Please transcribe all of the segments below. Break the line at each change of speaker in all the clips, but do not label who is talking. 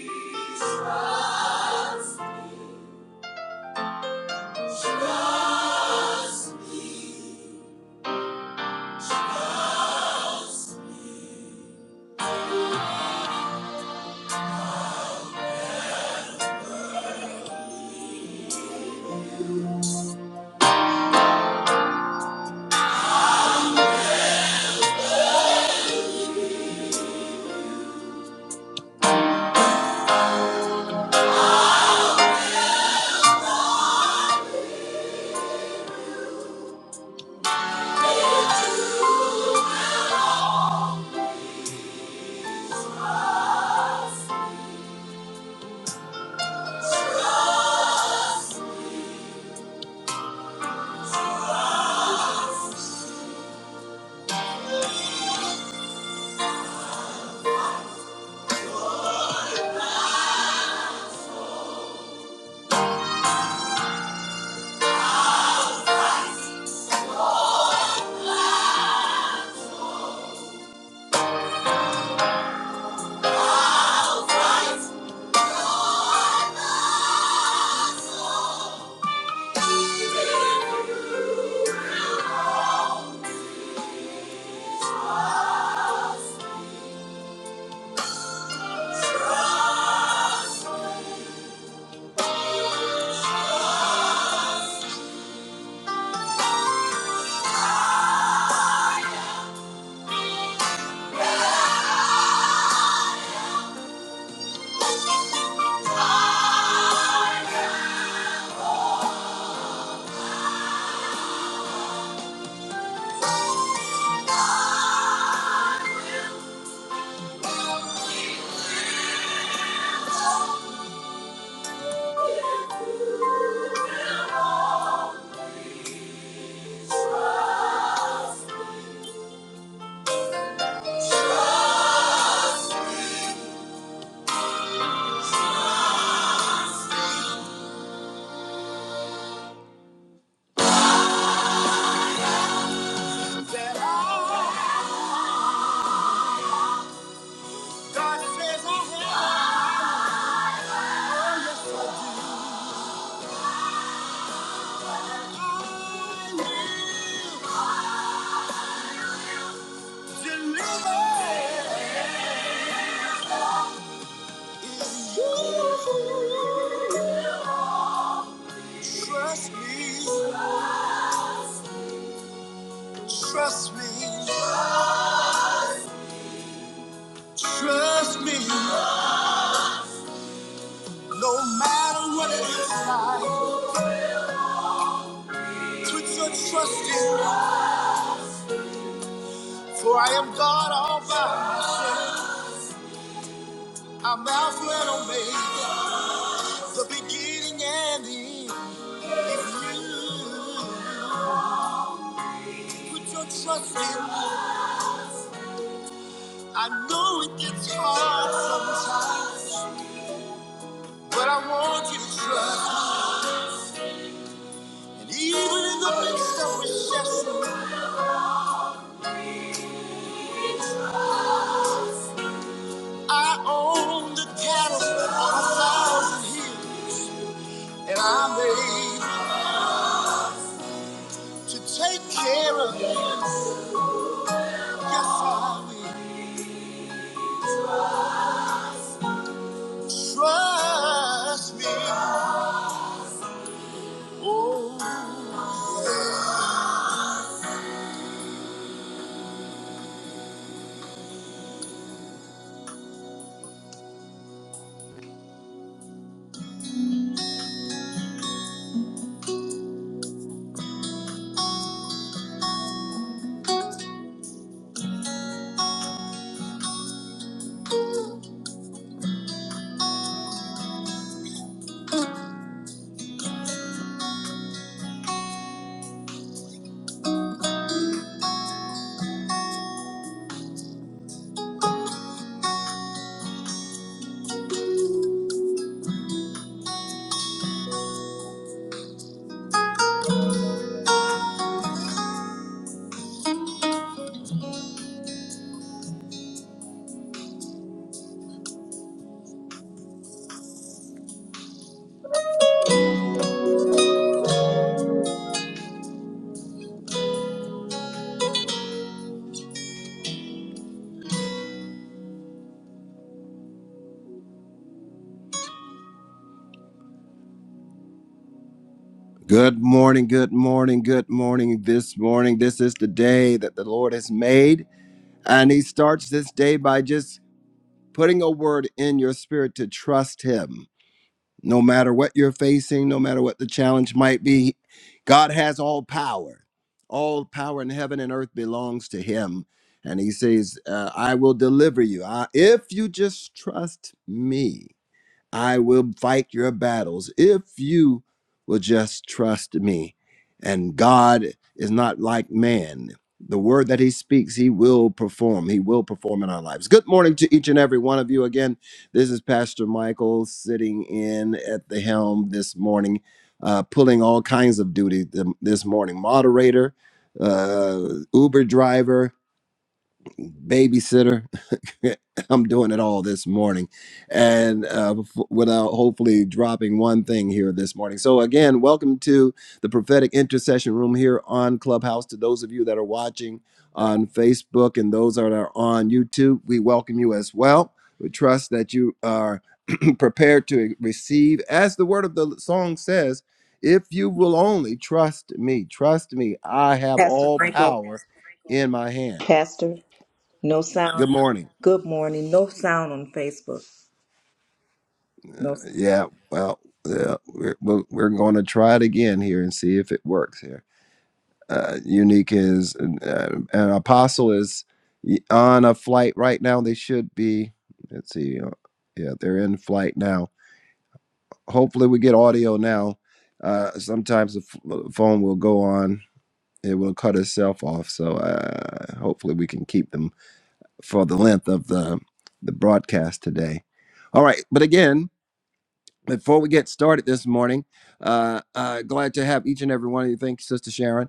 Trust. Trust me, trust me, trust me, no matter what it is like, put your trust in, for I am God all by myself. I'm Alpha and Omega, the beginning and the end. If you put your trust in, me, I know it gets hard sometimes, but I want you to trust. And even in the midst of recession, I own the cattle on a thousand hills, and I'm able to take care of you. Yes, I will. Trust me. Good morning, good morning, good morning this morning. This is the day that the Lord has made. And He starts this day by just putting a word in your spirit to trust Him. No matter what you're facing, no matter what the challenge might be, God has all power. All power in heaven and earth belongs to Him. And He says, uh, I will deliver you I, if you just trust me. I will fight your battles if you will just trust me. And God is not like man. The word that he speaks, he will perform. He will perform in our lives. Good morning to each and every one of you. Again, this is Pastor Michael sitting in at the helm this morning, uh, pulling all kinds of duty th- this morning moderator, uh, Uber driver, babysitter. I'm doing it all this morning, and uh, f- without hopefully dropping one thing here this morning. So again, welcome to the prophetic intercession room here on Clubhouse. To those of you that are watching on Facebook and those that are on YouTube, we welcome you as well. We trust that you are prepared to receive, as the word of the song says, "If you will only trust me, trust me, I have
Pastor
all
Franco,
power in my hand."
Pastor, no sound.
Good morning.
Good morning. No sound on Facebook. No sound.
Yeah, well, yeah, we're we're, we're going to try it again here and see if it works here. Uh, unique is uh, an apostle is on a flight right now. They should be. Let's see. uh, Yeah, they're in flight now. Hopefully, we get audio now. Uh, sometimes the f- phone will go on. It will cut itself off. So uh, hopefully, we can keep them for the length of the the broadcast today. All right, but again. before we get started this morning, uh, uh, glad to have each and every one of you. Thank you, Sister Sharon.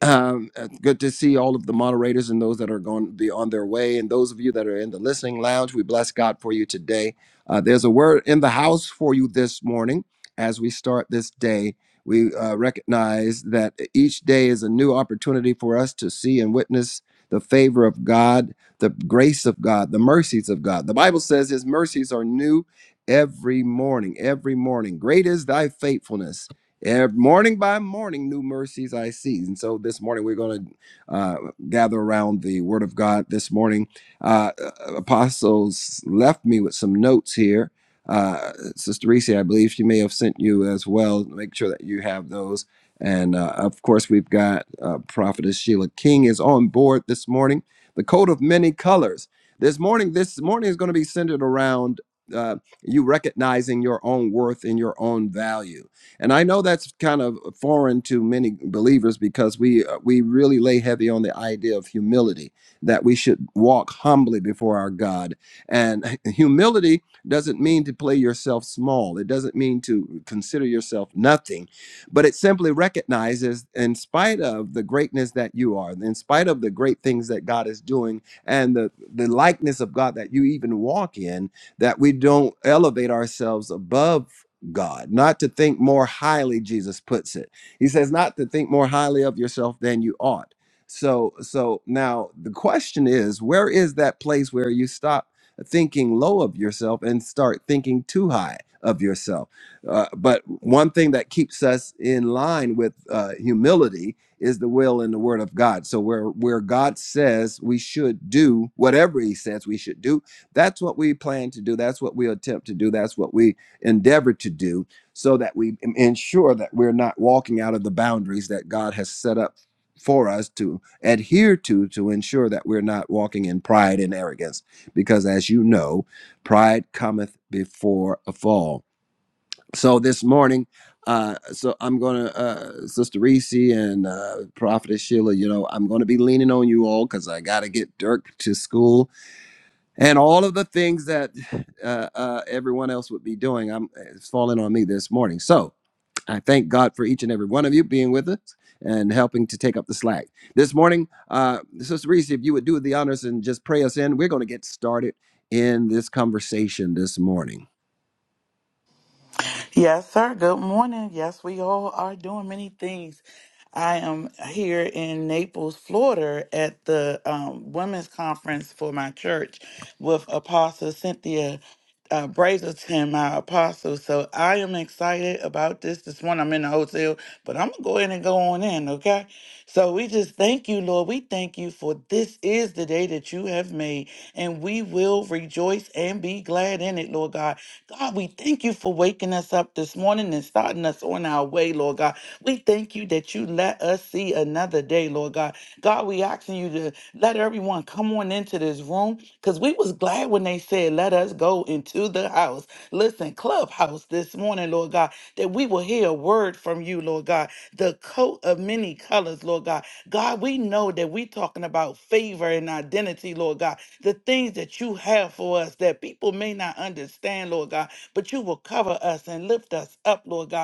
Um, uh, good to see all of the moderators and those that are going to be on their way. And those of you that are in the listening lounge, we bless God for you today. Uh, there's a word in the house for you this morning as we start this day. We uh, recognize that e-, each day is a new opportunity for us to see and witness the favor of God, the grace of God, the mercies of God. The Bible says His mercies are new every morning, every morning. Great is thy faithfulness. Every morning by morning, new mercies I see. And so this morning, we're going to uh, gather around the Word of God. This morning, uh, uh, Apostles left me with some notes here. Uh, Sister Reese, I believe she may have sent you as well. Make sure that you have those. And uh, of course, we've got uh, Prophetess Sheila King is on board this morning. The coat of many colors. This morning, this morning is going to be centered around uh, you recognizing your own worth and your own value and I know that's kind of foreign to many believers because we uh, we really lay heavy on the idea of humility that we should walk humbly before our God. And humility doesn't mean to play yourself small. It doesn't mean to consider yourself nothing, but it simply recognizes in spite of the greatness that you are, in spite of the great things that God is doing and the the likeness of God that you even walk in, that we don't elevate ourselves above God, not to think more highly, Jesus puts it. He says, not to think more highly of yourself than you ought. So, so now the question is, where is that place where you stop thinking low of yourself and start thinking too high of yourself? Uh, but one thing that keeps us in line with uh, humility is the will and the word of God. So where where God says we should do whatever He says we should do, that's what we plan to do. That's what we attempt to do. That's what we endeavor to do so that we ensure that we're not walking out of the boundaries that God has set up for us to adhere to to ensure that we're not walking in pride and arrogance because as you know pride cometh before a fall so this morning uh so i'm gonna uh sister reese and uh prophetess sheila you know i'm gonna be leaning on you all because i gotta get dirk to school and all of the things that uh, uh, everyone else would be doing. I'm it's falling on me this morning. So I thank God for each and every one of you being with us and helping to take up the slack this morning. Uh, Sister Reese, if you would do the honors and just pray us in, we're going to get started in this conversation this morning.
Yes, sir. Good morning. Yes, we all are doing many things. I am here in Naples, Florida, at the um, women's conference for my church with Apostle Cynthia uh, Brazelton, my apostle. So I am excited about this. This one, I'm in the hotel, but I'm gonna go ahead and go on in, okay? So we just thank you, Lord. We thank you for this is the day that you have made, and we will rejoice and be glad in it, Lord God. God, we thank you for waking us up this morning and starting us on our way, Lord God. We thank you that you let us see another day, Lord God. God, we asking you to let everyone come on into this room because we was glad when they said, let us go into the house. Listen, clubhouse this morning, Lord God, that we will hear a word from you, Lord God. The coat of many colors, Lord God. God, we know that we talking about favor and identity, Lord God. The things that you have for us that people may not understand, Lord God, but you will cover us and lift us up, Lord God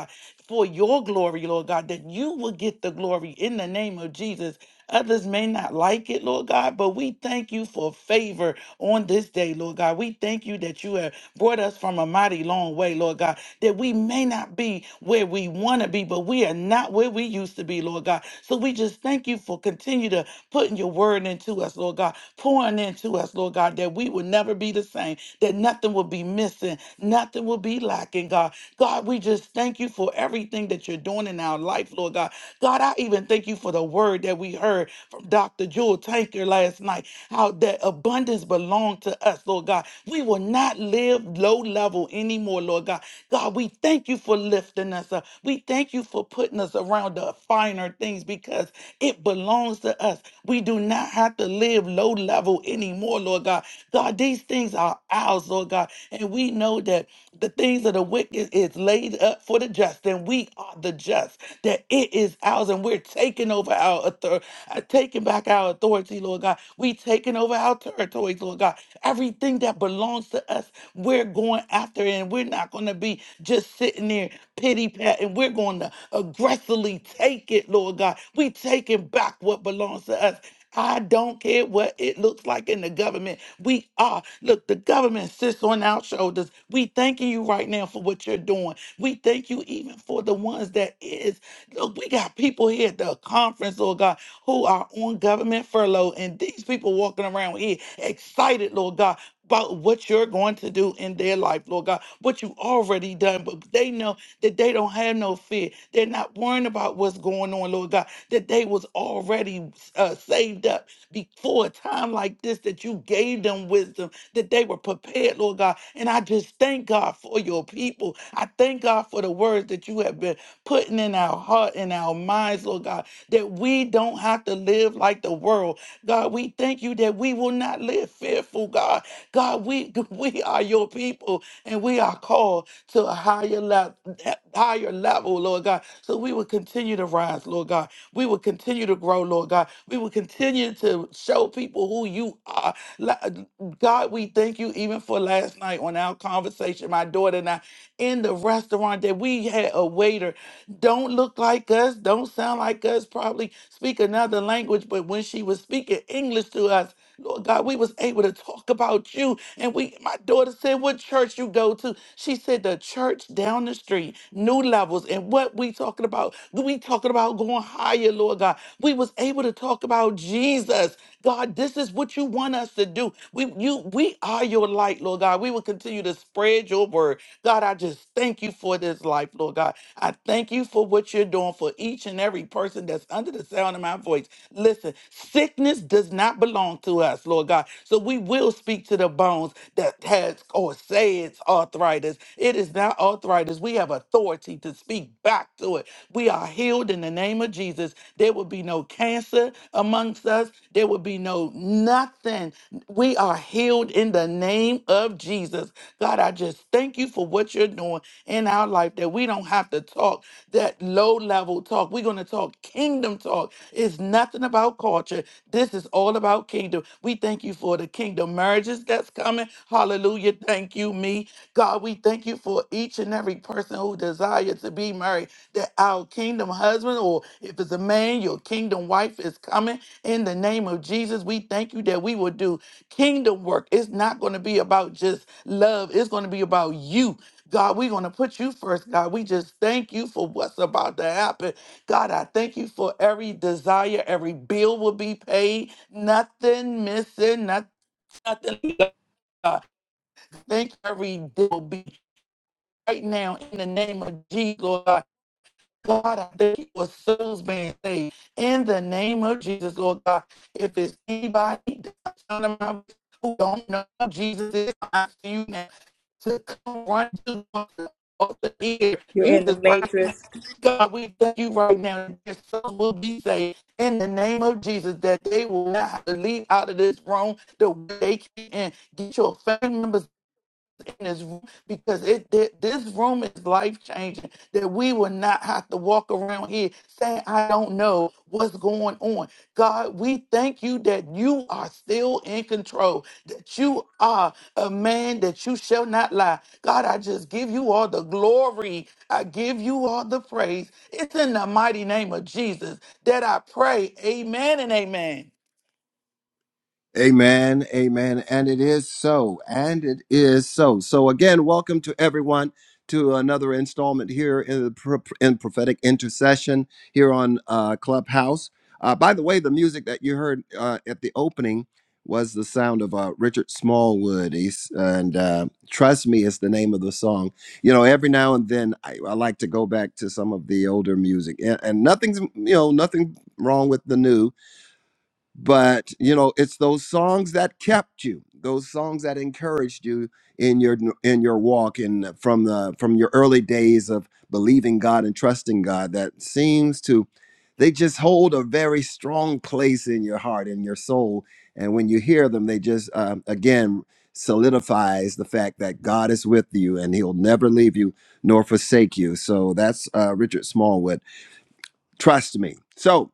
for your glory, Lord God, that you will get the glory in the name of Jesus. Others may not like it, Lord God, but we thank you for favor on this day, Lord God. We thank you that you have brought us from a mighty long way, Lord God, that we may not be where we want to be, but we are not where we used to be, Lord God. So we just thank you for continue to putting your word into us, Lord God, pouring into us, Lord God, that we will never be the same, that nothing will be missing, nothing will be lacking, God. God, we just thank you for everything that you're doing in our life, Lord God. God, I even thank you for the word that we heard from Dr. Jewel Tanker last night, how that abundance belonged to us, Lord God. We will not live low level anymore, Lord God. God, we thank you thank you for lifting us up. We thank you for putting us around the finer things because it belongs to us. We do not have to live low level anymore, Lord God. God, these things are ours, Lord God. And we know that the things of the wicked is laid up for the just, and we are the just, that it is ours, and we're taking over our authority, taking back our authority, Lord God. We taking over our territories, Lord God. Everything that belongs to us, we're going after it, and we're not going to be just sitting there pity pat, and we're going to aggressively take it, Lord God. We taking back what belongs to us. I don't care what it looks like in the government. We are. Look, the government sits on our shoulders. We thanking you right now for what you're doing. We thank you even for the ones that is. Look, we got people here at the conference, Lord God, who are on government furlough, and these people walking around here excited, Lord God, about what you're going to do in their life, Lord God, what you already done, but they know that they don't have no fear. They're not worrying about what's going on, Lord God, that they was already uh, saved up before a time like this, that you gave them wisdom, that they were prepared, Lord God. And I just thank God for your people. I thank God for the words that you have been putting in our heart and our minds, Lord God, that we don't have to live like the world. God, we thank you that we will not live fearful, God. God, we we are your people and we are called to a higher level, higher level, Lord God. So we will continue to rise, Lord God. We will continue to grow, Lord God. We will continue to show people who you are. La- God, we thank you even for last night on our conversation, my daughter and I in the restaurant that we had a waiter don't look like us, don't sound like us, probably speak another language, but when she was speaking English to us, Lord God, we was able to talk about you. And we my daughter said, What church you go to? She said the church down the street, new levels. And what we talking about? We talking about going higher, Lord God. We was able to talk about Jesus. God, this is what you want us to do. We you we are your light, Lord God. We will continue to spread your word. God, I just thank you for this life, Lord God. I thank you for what you're doing for each and every person that's under the sound of my voice. Listen, Sickness does not belong to us, Lord God. So we will speak to the bones that has or say it's arthritis. It is not arthritis. We have authority to speak back to it. We are healed in the name of Jesus. There will be no cancer amongst us. There will be no nothing. We are healed in the name of Jesus. God, I just thank you for what you're doing in our life that we don't have to talk that low level talk. We're going to talk kingdom talk talk. It's nothing about culture. This is all about kingdom. We thank you for the kingdom marriages that's coming. Hallelujah. Thank you, me. God, we thank you for each and every person who desires to be married, that our kingdom husband, or if it's a man, your kingdom wife is coming. In the name of Jesus, we thank you that we will do kingdom work. It's not going to be about just love, it's going to be about you. God, we're going to put you first, God. We just thank you for what's about to happen. God, I thank you for every desire, every bill will be paid, nothing missing, not, nothing. God, thank you, every day will be right now in the name of Jesus, Lord. God, I thank you for souls being saved. In the name of Jesus, Lord God, if it's anybody who don't know Jesus is, I ask you now to come run to the altar here.
You're
You
in the
just right now.
matrix.
God, we thank you right now that your souls will be saved in the name of Jesus, that they will not have to leave out of this room the way they came Get your family members this room because it thi- this room is life changing. That we will not have to walk around here saying, "I don't know what's going on." God, we thank you that you are still in control. That you are a man that you shall not lie. God, I just give you all the glory. I give you all the praise. It's in the mighty name of Jesus that I pray. Amen and amen.
Amen, amen. And it is so, and it is so. So, again, welcome to everyone to another installment here in, the, pro- in prophetic intercession here on uh, Clubhouse. Uh, by the way, the music that you heard uh, at the opening was the sound of uh, Richard Smallwood. He's, and uh, Trust Me is the name of the song. You know, every now and then I, I like to go back to some of the older music, and, and nothing's, you know, nothing wrong with the new but you know it's those songs that kept you those songs that encouraged you in your in your walk and from the from your early days of believing god and trusting god that seems to they just hold a very strong place in your heart in your soul and when you hear them they just um, again solidifies the fact that god is with you and he'll never leave you nor forsake you so that's uh, richard smallwood trust me so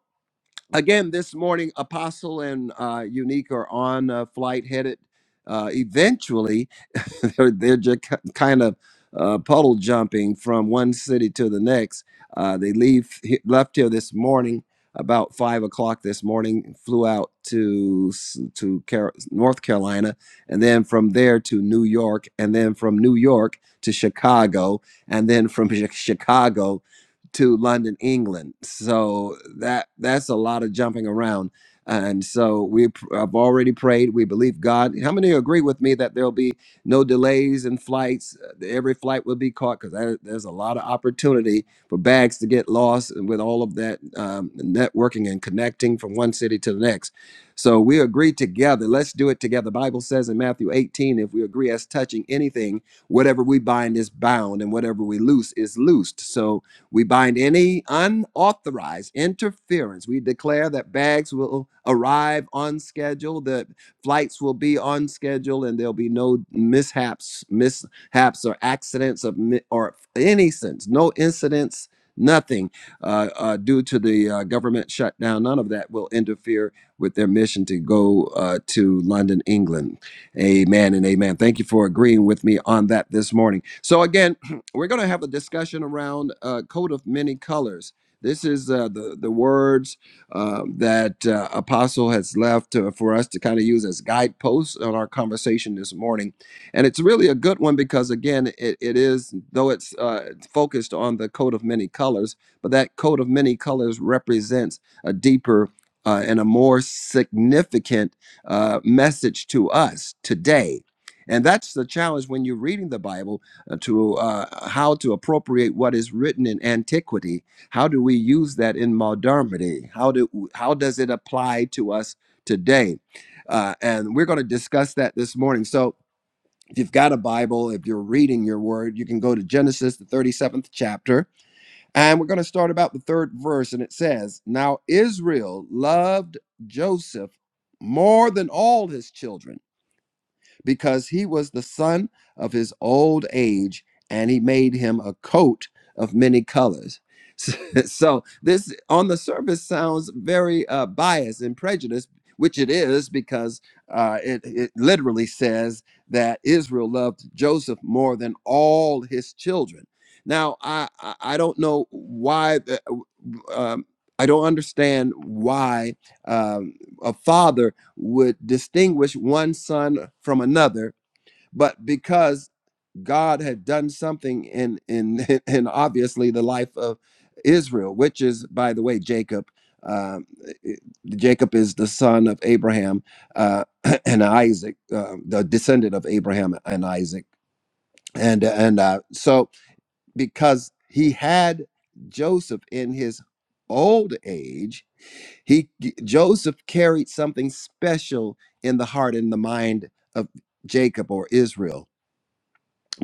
again this morning apostle and uh, unique are on a flight headed uh, eventually they're, they're just kind of uh, puddle jumping from one city to the next. Uh, they leave left here this morning about five o'clock this morning. Flew out to s- to Car- North Carolina, and then from there to New York, and then from New York to Chicago, and then from Chi- Chicago to London, England. So that that's a lot of jumping around. And so we pr- I've already prayed. We believe God. How many agree with me that there'll be no delays in flights. Uh, Every flight will be caught because there's a lot of opportunity for bags to get lost and with all of that um, networking and connecting from one city to the next. So we agree together. Let's do it together. The Bible says in Matthew 18, if we agree as touching anything, whatever we bind is bound and whatever we loose is loosed. So we bind any unauthorized interference. We declare that bags will arrive on schedule, That Flights will be on schedule, and there'll be no mishaps, mishaps or accidents of mi- or any sense, no incidents, nothing uh, uh, due to the uh, government shutdown. None of that will interfere with their mission to go uh, to London, England. Amen and amen. Thank you for agreeing with me on that this morning. So again, we're going to have a discussion around uh, coat of many colors. This is uh, the the words um, that uh, Apostle has left uh, for us to kind of use as guideposts on our conversation this morning. And it's really a good one because, again, it, it is, though it's uh, focused on the coat of many colors, but that coat of many colors represents a deeper uh, and a more significant uh, message to us today. And that's the challenge when you're reading the Bible uh, to uh, how to appropriate what is written in antiquity how do we use that in modernity? How do how does it apply to us today? Uh, and we're going to discuss that this morning. So if you've got a Bible, if you're reading your word, you can go to Genesis, the 37th chapter, and we're going to start about the third verse. And it says, Now Israel loved Joseph more than all his children because he was the son of his old age, and he made him a coat of many colors. So, this on the surface sounds very uh, biased and prejudiced, which it is because uh, it, it literally says that Israel loved Joseph more than all his children. Now, I, I I don't know why, the- um, I don't understand why um, a father would distinguish one son from another, but because God had done something in in in obviously the life of Israel, which is by the way Jacob. Um, it- Jacob is the son of Abraham uh, and Isaac, uh, the descendant of Abraham and Isaac, and and uh, so because he had Joseph in his old age. He Joseph carried something special in the heart and the mind of Jacob or Israel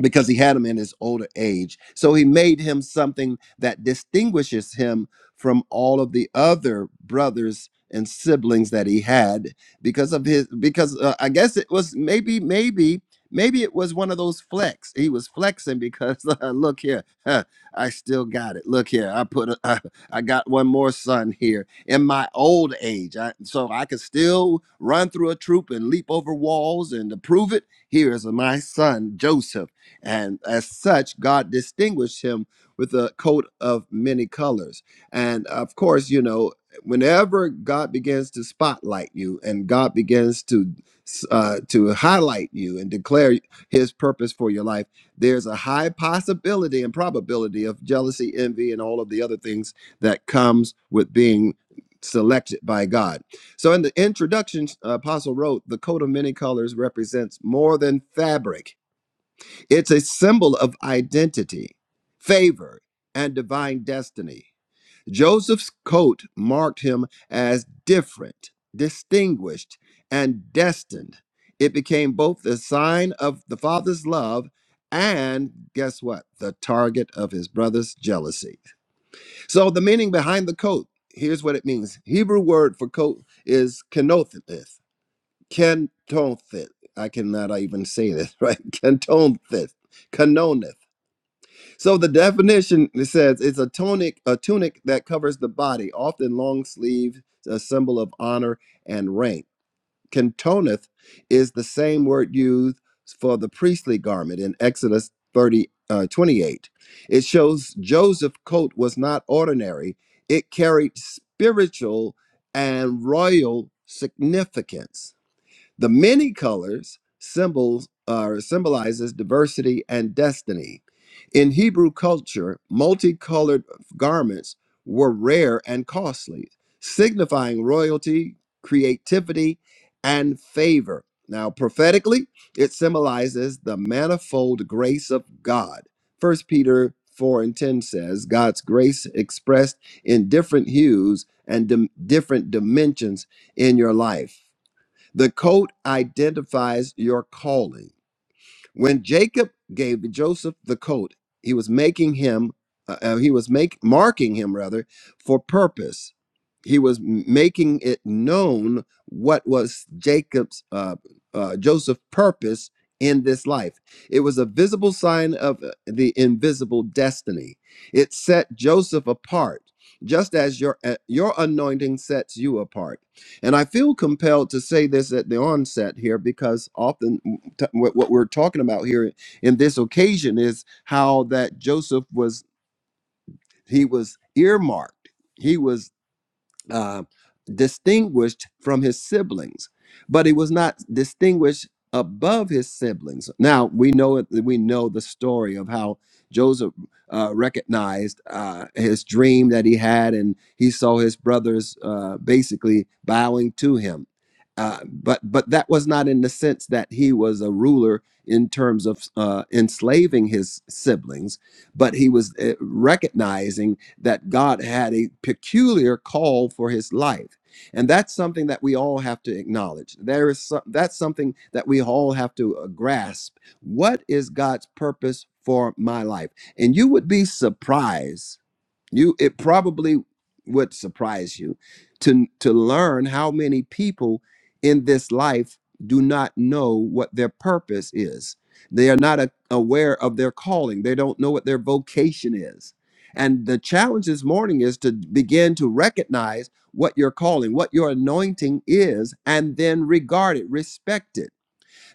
because he had him in his older age. So he made him something that distinguishes him from all of the other brothers and siblings that he had because of his because uh, I guess it was maybe maybe maybe it was one of those flex. He was flexing because uh, look here, huh, I still got it. Look here, I put a, I got one more son here in my old age. I, so I could still run through a troop and leap over walls and to prove it, here is my son Joseph and as such, God distinguished him with a coat of many colors. And of course, you know, whenever God begins to spotlight you and God begins to uh, to highlight you and declare his purpose for your life, there's a high possibility and probability of jealousy, envy, and all of the other things that comes with being selected by God. So in the introduction, Apostle wrote, the coat of many colors represents more than fabric it's a symbol of identity, favor, and divine destiny. Joseph's coat marked him as different, distinguished, and destined. It became both the sign of the father's love and, guess what, the target of his brother's jealousy. So, the meaning behind the coat here's what it means Hebrew word for coat is kenothith. Kenothith. I cannot even say this, right? Kenothith. Kenonith. So the definition it says it's a tunic, a tunic that covers the body, often long sleeved, a symbol of honor and rank. Kentoneth is the same word used for the priestly garment in Exodus 30, uh, 28. It shows Joseph's coat was not ordinary; it carried spiritual and royal significance. The many colors symbols uh, symbolizes diversity and destiny. In Hebrew culture, multicolored garments were rare and costly, signifying royalty, creativity, and favor. Now, prophetically, it symbolizes the manifold grace of God. First Peter 4 and 10 says, God's grace expressed in different hues and dim- different dimensions in your life. The coat identifies your calling. When Jacob gave Joseph the coat, he was making him, uh, uh, he was make, marking him rather, for purpose. He was m- making it known what was Jacob's, uh, uh, Joseph's purpose in this life. It was a visible sign of uh, the invisible destiny. It set Joseph apart, just as your uh, your anointing sets you apart. And I feel compelled to say this at the onset here because often t- what, what we're talking about here in this occasion is how that Joseph was he was earmarked. He was uh, distinguished from his siblings, but he was not distinguished above his siblings. Now we know it, we know the story of how Joseph uh, recognized uh, his dream that he had, and he saw his brothers uh, basically bowing to him. Uh, but but that was not in the sense that he was a ruler in terms of uh, enslaving his siblings, but he was uh, recognizing that God had a peculiar call for his life. And that's something that we all have to acknowledge. There is some, that's something that we all have to uh, grasp. What is God's purpose for my life? And you would be surprised you it probably would surprise you to to learn how many people in this life do not know what their purpose is. They are not a- aware of their calling. They don't know what their vocation is. And the challenge this morning is to begin to recognize what your calling, what your anointing is, and then regard it, respect it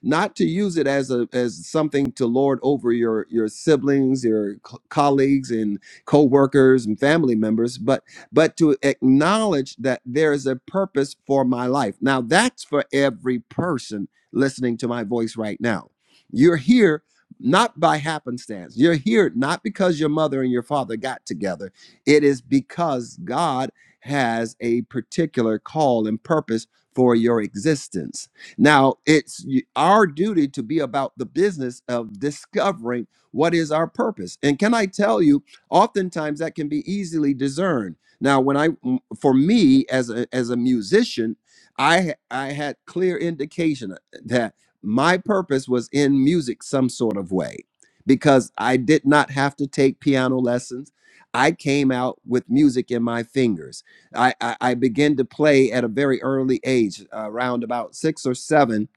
not to use it as a as something to lord over your your siblings your co- colleagues and co-workers and family members but but to acknowledge that there is a purpose for my life now that's for every person listening to my voice right now you're here not by happenstance you're here not because your mother and your father got together it is because god has a particular call and purpose for your existence now, it's y- our duty to be about the business of discovering what is our purpose. And can I tell you, oftentimes that can be easily discerned. Now, when I m- for me as a as a musician, I ha- I had clear indication uh, that my purpose was in music some sort of way because I did not have to take piano lessons. I came out with music in my fingers. I, I, I began to play at a very early age, uh, around about six or seven.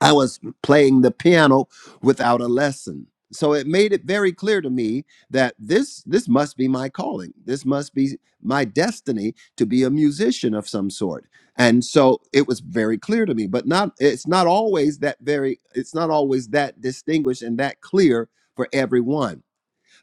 I was playing the piano without a lesson. So it made it very clear to me that this this must be my calling. This must be my destiny to be a musician of some sort. And so it was very clear to me, but not it's not always that very it's not always that distinguished and that clear for everyone.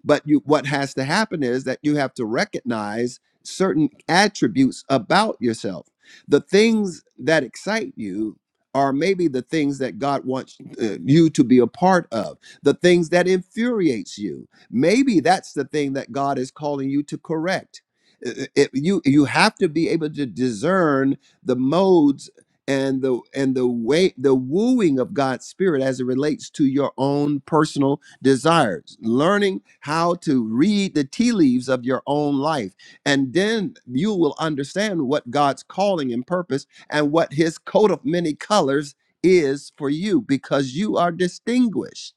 But you, what has to happen is that you have to recognize certain attributes about yourself. The things that excite you are maybe the things that God wants uh, you to be a part of. The things that infuriates you, maybe that's the thing that God is calling you to correct. Uh, it- you you have to be able to discern the modes and the and the way the wooing of God's spirit as it relates to your own personal desires, learning how to read the tea leaves of your own life. And then you will understand what God's calling and purpose and what his coat of many colors is for you because you are distinguished.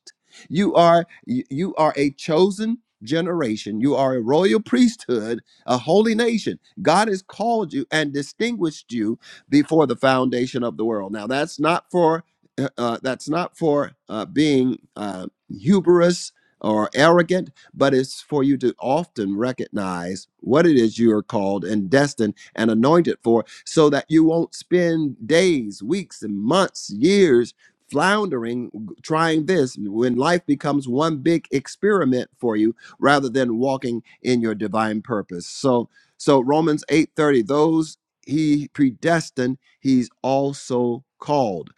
You are you you are a chosen generation. You are a royal priesthood, a holy nation. God has called you and distinguished you before the foundation of the world. Now that's not for uh, uh, that's not for uh, being uh, hubris or arrogant, but it's for you to often recognize what it is you are called and destined and anointed for so that you won't spend days, weeks, and months, years floundering trying this when life becomes one big experiment for you rather than walking in your divine purpose. So so Romans 8:30 those he predestined he's also called.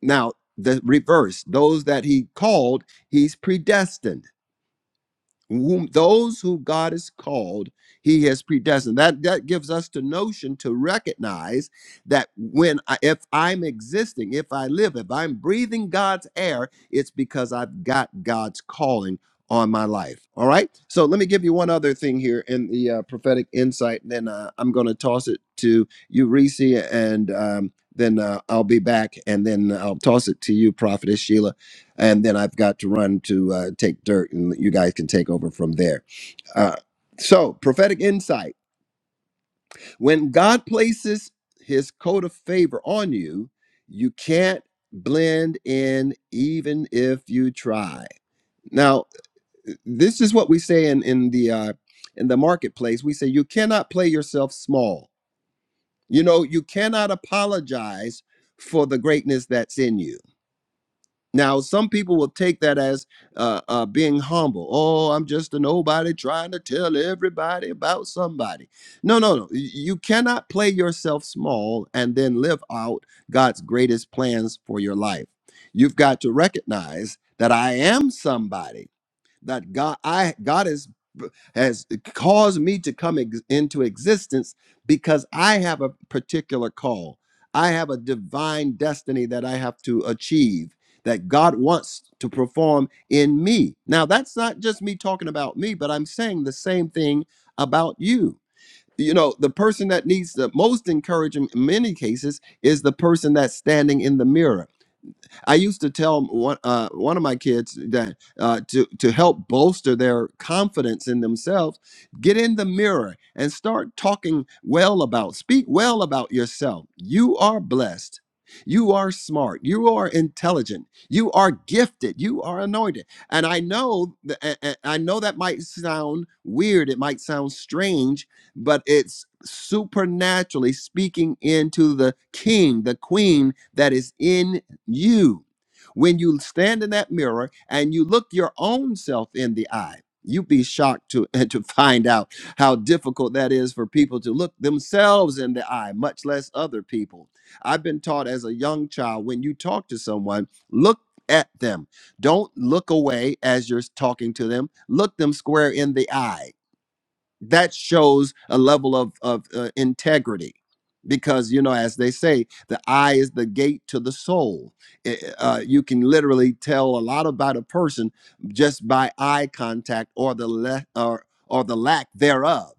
Now the reverse those that he called He's predestined. Whom, those who God has called, He has predestined. That that gives us the notion to recognize that when I, if I'm existing, if I live, if I'm breathing God's air, it's because I've got God's calling on my life. All right. So let me give you one other thing here in the uh, prophetic insight. Then uh, I'm going to toss it to you, Reese, and um, then uh, I'll be back, and then I'll toss it to you, Prophetess Sheila and then I've got to run to uh, take dirt, and you guys can take over from there. Uh, so, prophetic insight: when God places His coat of favor on you, you can't blend in, even if you try. Now, this is what we say in in the uh, in the marketplace. We say you cannot play yourself small. You know, you cannot apologize for the greatness that's in you Now, some people will take that as uh, uh, being humble. Oh, I'm just a nobody trying to tell everybody about somebody. No, no, no. Y- You cannot play yourself small and then live out God's greatest plans for your life. You've got to recognize that I am somebody that God I God is has caused me to come ex- into existence because I have a particular call. I have a divine destiny that I have to achieve that God wants to perform in me. Now, that's not just me talking about me, but I'm saying the same thing about you. You know, the person that needs the most encouragement in many cases is the person that's standing in the mirror I used to tell one uh, one of my kids that uh, to to help bolster their confidence in themselves, get in the mirror and start talking well about, speak well about yourself. You are blessed. You are smart. You are intelligent. You are gifted. You are anointed. And I know th- a- a- I know that might sound weird. It might sound strange, but it's supernaturally speaking into the king, the queen that is in you. When you stand in that mirror and you look your own self in the eye, you'd be shocked to, to find out how difficult that is for people to look themselves in the eye, much less other people. I've been taught as a young child when you talk to someone, look at them. Don't look away as you're talking to them, look them square in the eye that shows a level of of uh, integrity because you know as they say the eye is the gate to the soul I- uh, you can literally tell a lot about a person just by eye contact or the le- or or the lack thereof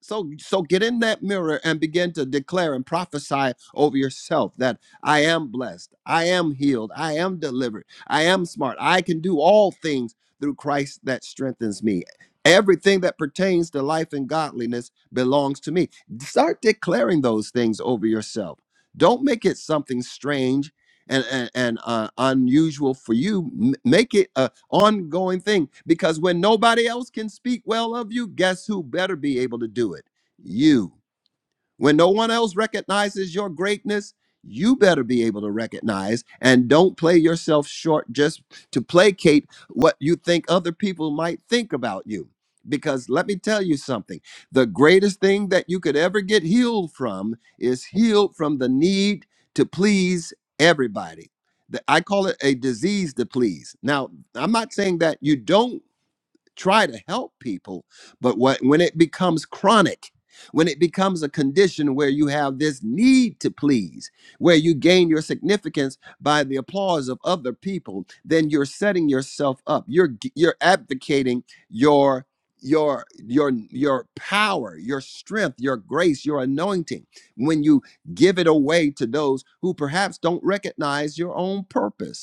so, so get in that mirror and begin to declare and prophesy over yourself that I am blessed, I am healed, I am delivered, I am smart, I can do all things through Christ that strengthens me. Everything that pertains to life and godliness belongs to me. Start declaring those things over yourself. Don't make it something strange and and, and, uh, unusual for you. M- Make it a ongoing thing. Because when nobody else can speak well of you, guess who better be able to do it? You. When no one else recognizes your greatness, you better be able to recognize and don't play yourself short just to placate what you think other people might think about you. Because let me tell you something the greatest thing that you could ever get healed from is healed from the need to please everybody. The- I call it a disease to please. Now, I'm not saying that you don't try to help people but what, when it becomes chronic when it becomes a condition where you have this need to please where you gain your significance by the applause of other people then you're setting yourself up you're g- you're abdicating your your your your power your strength your grace your anointing when you give it away to those who perhaps don't recognize your own purpose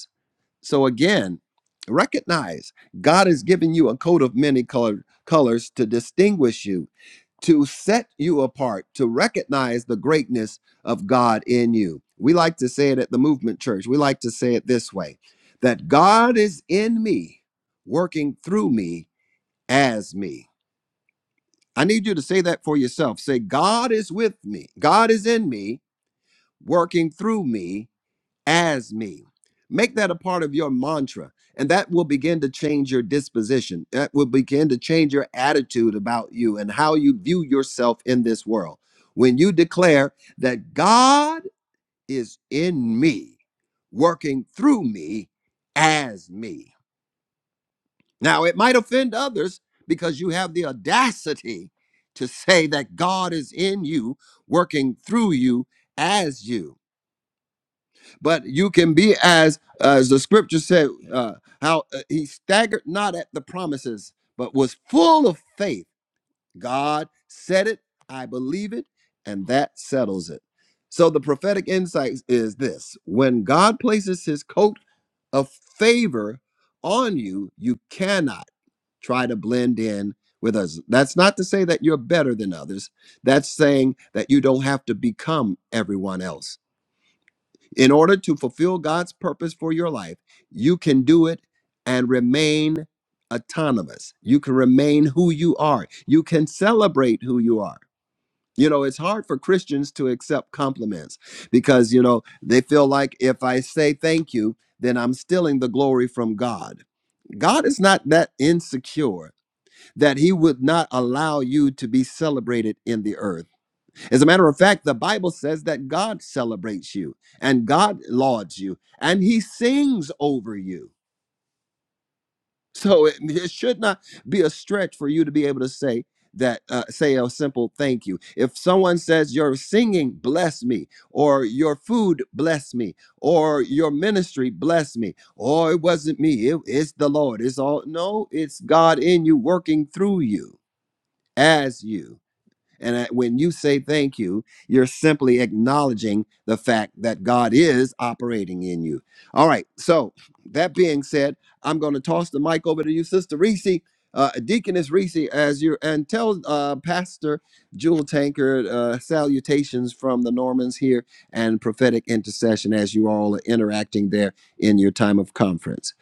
so again, recognize God has given you a coat of many colored colors to distinguish you, to set you apart, to recognize the greatness of God in you. We like to say it at the movement church. We like to say it this way that God is in me, working through me as me. I need you to say that for yourself. Say, God is with me. God is in me, working through me as me. Make that a part of your mantra, and that will begin to change your disposition. That will begin to change your attitude about you and how you view yourself in this world. When you declare that God is in me, working through me as me. Now, it might offend others because you have the audacity to say that God is in you, working through you as you but you can be as as the scripture said uh, how uh, he staggered not at the promises but was full of faith god said it i believe it and that settles it so the prophetic insight is this when god places his coat of favor on you you cannot try to blend in with us that's not to say that you're better than others that's saying that you don't have to become everyone else in order to fulfill God's purpose for your life, you can do it and remain autonomous. You can remain who you are. You can celebrate who you are. You know, it's hard for Christians to accept compliments because, you know, they feel like if I say thank you, then I'm stealing the glory from God. God is not that insecure that he would not allow you to be celebrated in the earth. As a matter of fact, the Bible says that God celebrates you and God lauds you and he sings over you. So it, it should not be a stretch for you to be able to say that, uh, say a simple thank you. If someone says, Your singing, bless me, or your food, bless me, or your ministry, bless me, or it wasn't me, it- it's the Lord. It's all, no, it's God in you working through you as you. And that when you say thank you, you're simply acknowledging the fact that God is operating in you. All right. So, that being said, I'm going to toss the mic over to you, Sister Reese, uh, Deaconess Reese, as you and tell uh, Pastor Jewel Tankard uh, salutations from the Normans here and prophetic intercession as you all are interacting there in your time of conference.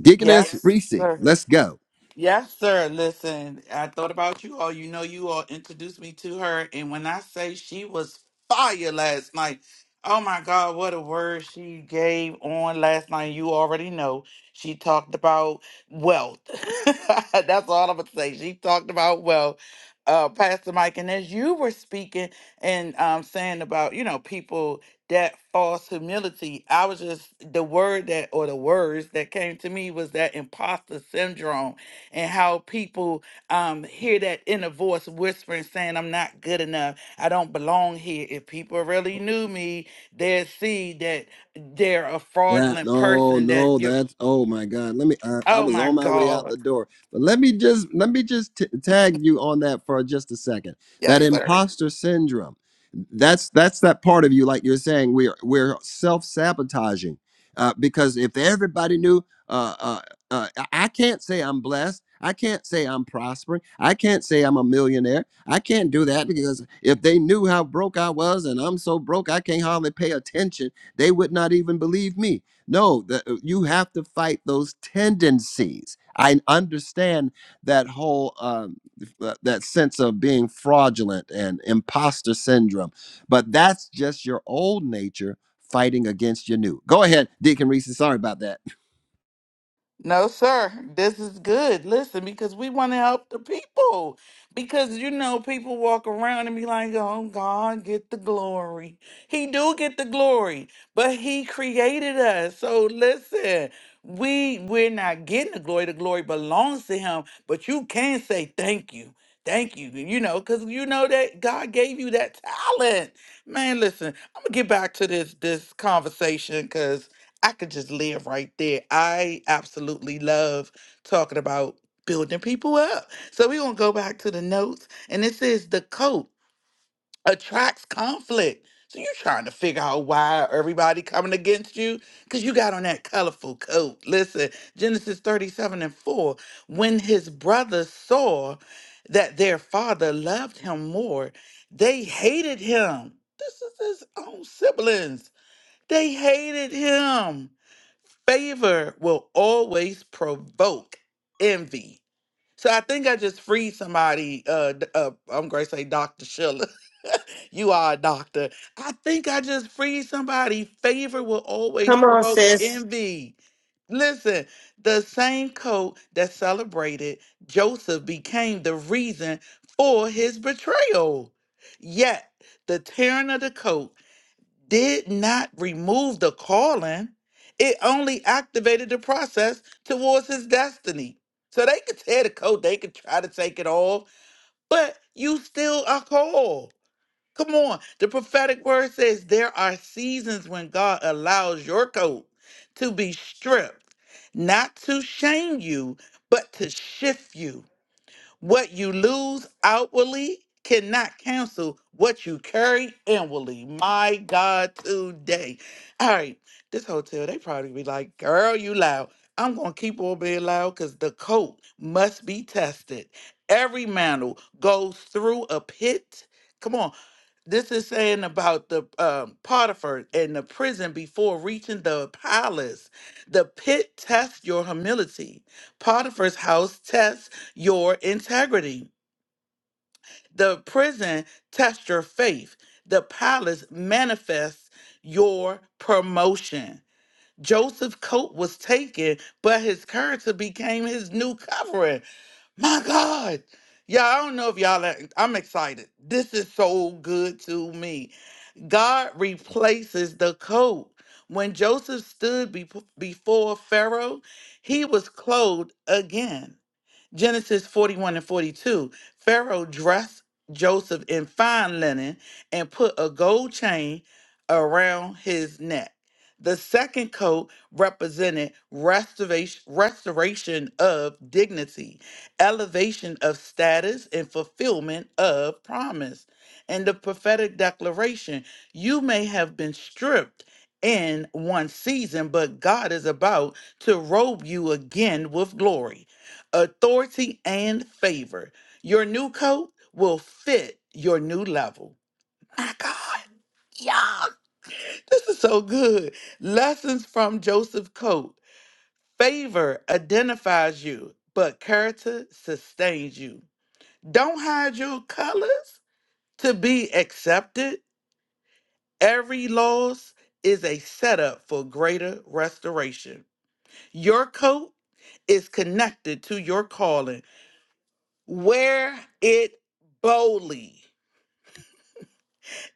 Deaconess Yes.
Yes,
Reese,
sir.
let's go.
Yes, sir. Listen, I thought about you all. You know, you all introduced me to her. And when I say she was fire last night, oh my God, what a word she gave on last night. You already know. She talked about wealth. That's all I'm going to say. She talked about wealth. Uh, Pastor Mike, and as you were speaking and um, saying about, you know, people that false humility, I was just, the word that, or the words that came to me was that imposter syndrome and how people um, hear that inner voice whispering, saying, I'm not good enough. I don't belong here. If people really knew me, they'd see that they're a
That
fraudulent
no,
person, that
no,
you're,
that's oh my God. Let me. I, I
oh
was
my
on my way out
God.
the door, but let me just let me just t- tag you on that for just a second.
Yes,
That
sir.
imposter syndrome. That's that's that part of you, like you're saying, we're we're self sabotaging, uh, because if everybody knew, uh, uh, uh, I I can't say I'm blessed. I can't say I'm prospering. I can't say I'm a millionaire. I can't do that because if they knew how broke I was and I'm so broke, I can't hardly pay attention they would not even believe me. No, the, uh, you have to fight those tendencies. I understand that whole um, th- that sense of being fraudulent and imposter syndrome, but that's just your old nature fighting against your new. Go ahead, Deacon Reese. Sorry about that.
No, sir. This is good. Listen, because we want to help the people. Because you know, people walk around and be like, "Oh, God, get the glory." He do get the glory, but He created us. So listen, we we're not getting the glory. The glory belongs to Him. But you can say thank you, thank you. You know, because you know that God gave you that talent. Man, listen, I'm gonna get back to this this conversation because I could just live right there. I absolutely love talking about building people up. So we're gonna go back to the notes, and this is the coat attracts conflict. So you're trying to figure out why everybody coming against you because you got on that colorful coat. Listen, Genesis 37 and 4. When his brothers saw that their father loved him more, they hated him. This is his own siblings. They hated him favor will always provoke envy. So I think I just freed somebody. Uh, d- uh I'm going to say Dr. Schiller. you are a doctor. I think I just freed somebody. Favor will always
Come on,
provoke
sis.
envy. Listen, the same coat that celebrated Joseph became the reason for his betrayal. Yet the tearing of the coat did not remove the calling, it only activated the process towards his destiny. So they could tear the coat, they could try to take it all, but you still are called. Come on. The prophetic word says there are seasons when God allows your coat to be stripped, not to shame you, but to shift you what you lose outwardly cannot cancel what you carry inwardly. My God, today. All right, this hotel, they probably be like, girl, you loud. I'm going to keep on being loud because the coat must be tested. Every mantle goes through a pit. Come on, this is saying about the um, Potiphar and the prison before reaching the palace. The pit tests your humility. Potiphar's house tests your integrity. The prison tests your faith. The palace manifests your promotion. Joseph's coat was taken, but his character became his new covering. My God. Yeah, I don't know if y'all, are- I'm excited. This is so good to me. God replaces the coat. When Joseph stood be- before Pharaoh, he was clothed again. Genesis 41 and 42. Pharaoh dressed Joseph in fine linen and put a gold chain around his neck. The second coat represented restoration, restoration of dignity, elevation of status, and fulfillment of promise. And the prophetic declaration you may have been stripped in one season, but God is about to robe you again with glory authority, and favor. Your new coat will fit your new level. My God. Yeah. This is so good. Lessons from Joseph Coat. Favor identifies you, but character sustains you. Don't hide your colors to be accepted. Every loss is a setup for greater restoration. Your coat is connected to your calling Wear it boldly.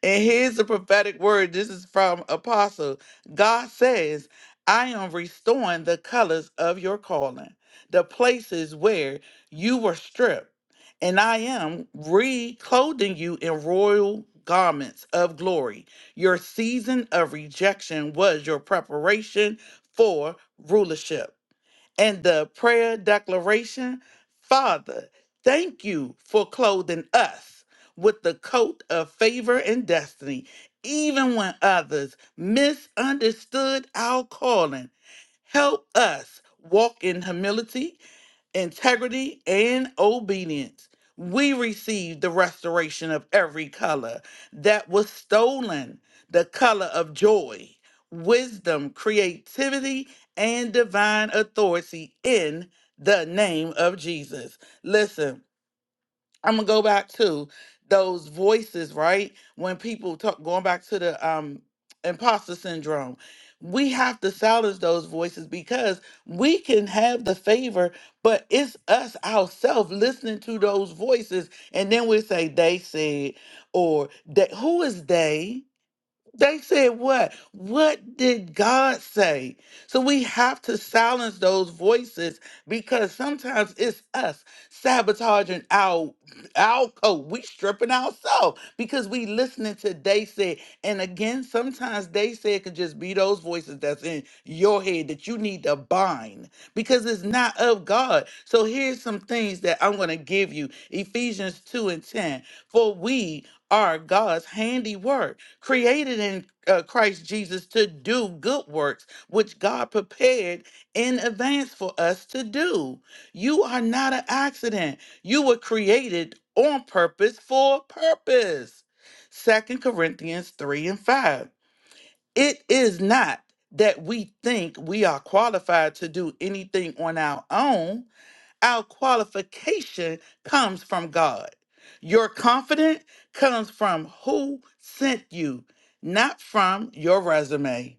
And here's the prophetic word. This is from Apostle. God says, I am restoring the colors of your calling, the places where you were stripped, and I am reclothing you in royal garments of glory. Your season of rejection was your preparation for rulership and the prayer declaration Father, thank you for clothing us with the coat of favor and destiny, even when others misunderstood our calling. Help us walk in humility integrity, and obedience, we receive the restoration of every color that was stolen the color of joy, wisdom, creativity, and divine authority in the name of Jesus. Listen. I'm gonna go back to those voices, right? When people talk, going back to the um, imposter syndrome, we have to silence those voices because we can have the favor, but it's us ourselves listening to those voices, and then we say they said, or that who is they? They said what? What did God say? So we have to silence those voices because sometimes it's us sabotaging our our code. We stripping ourselves because we listening to they said. And again, sometimes they said could just be those voices that's in your head that you need to bind because it's not of God. So here's some things that I'm gonna give you. Ephesians 2 and 10. For we are God's handiwork created in uh, Christ Jesus to do good works, which God prepared in advance for us to do. You are not an accident. You were created on purpose for a purpose. Second Corinthians 3 and 5. It is not that we think we are qualified to do anything on our own. Our qualification comes from God. Your confidence comes from who sent you, not from your resume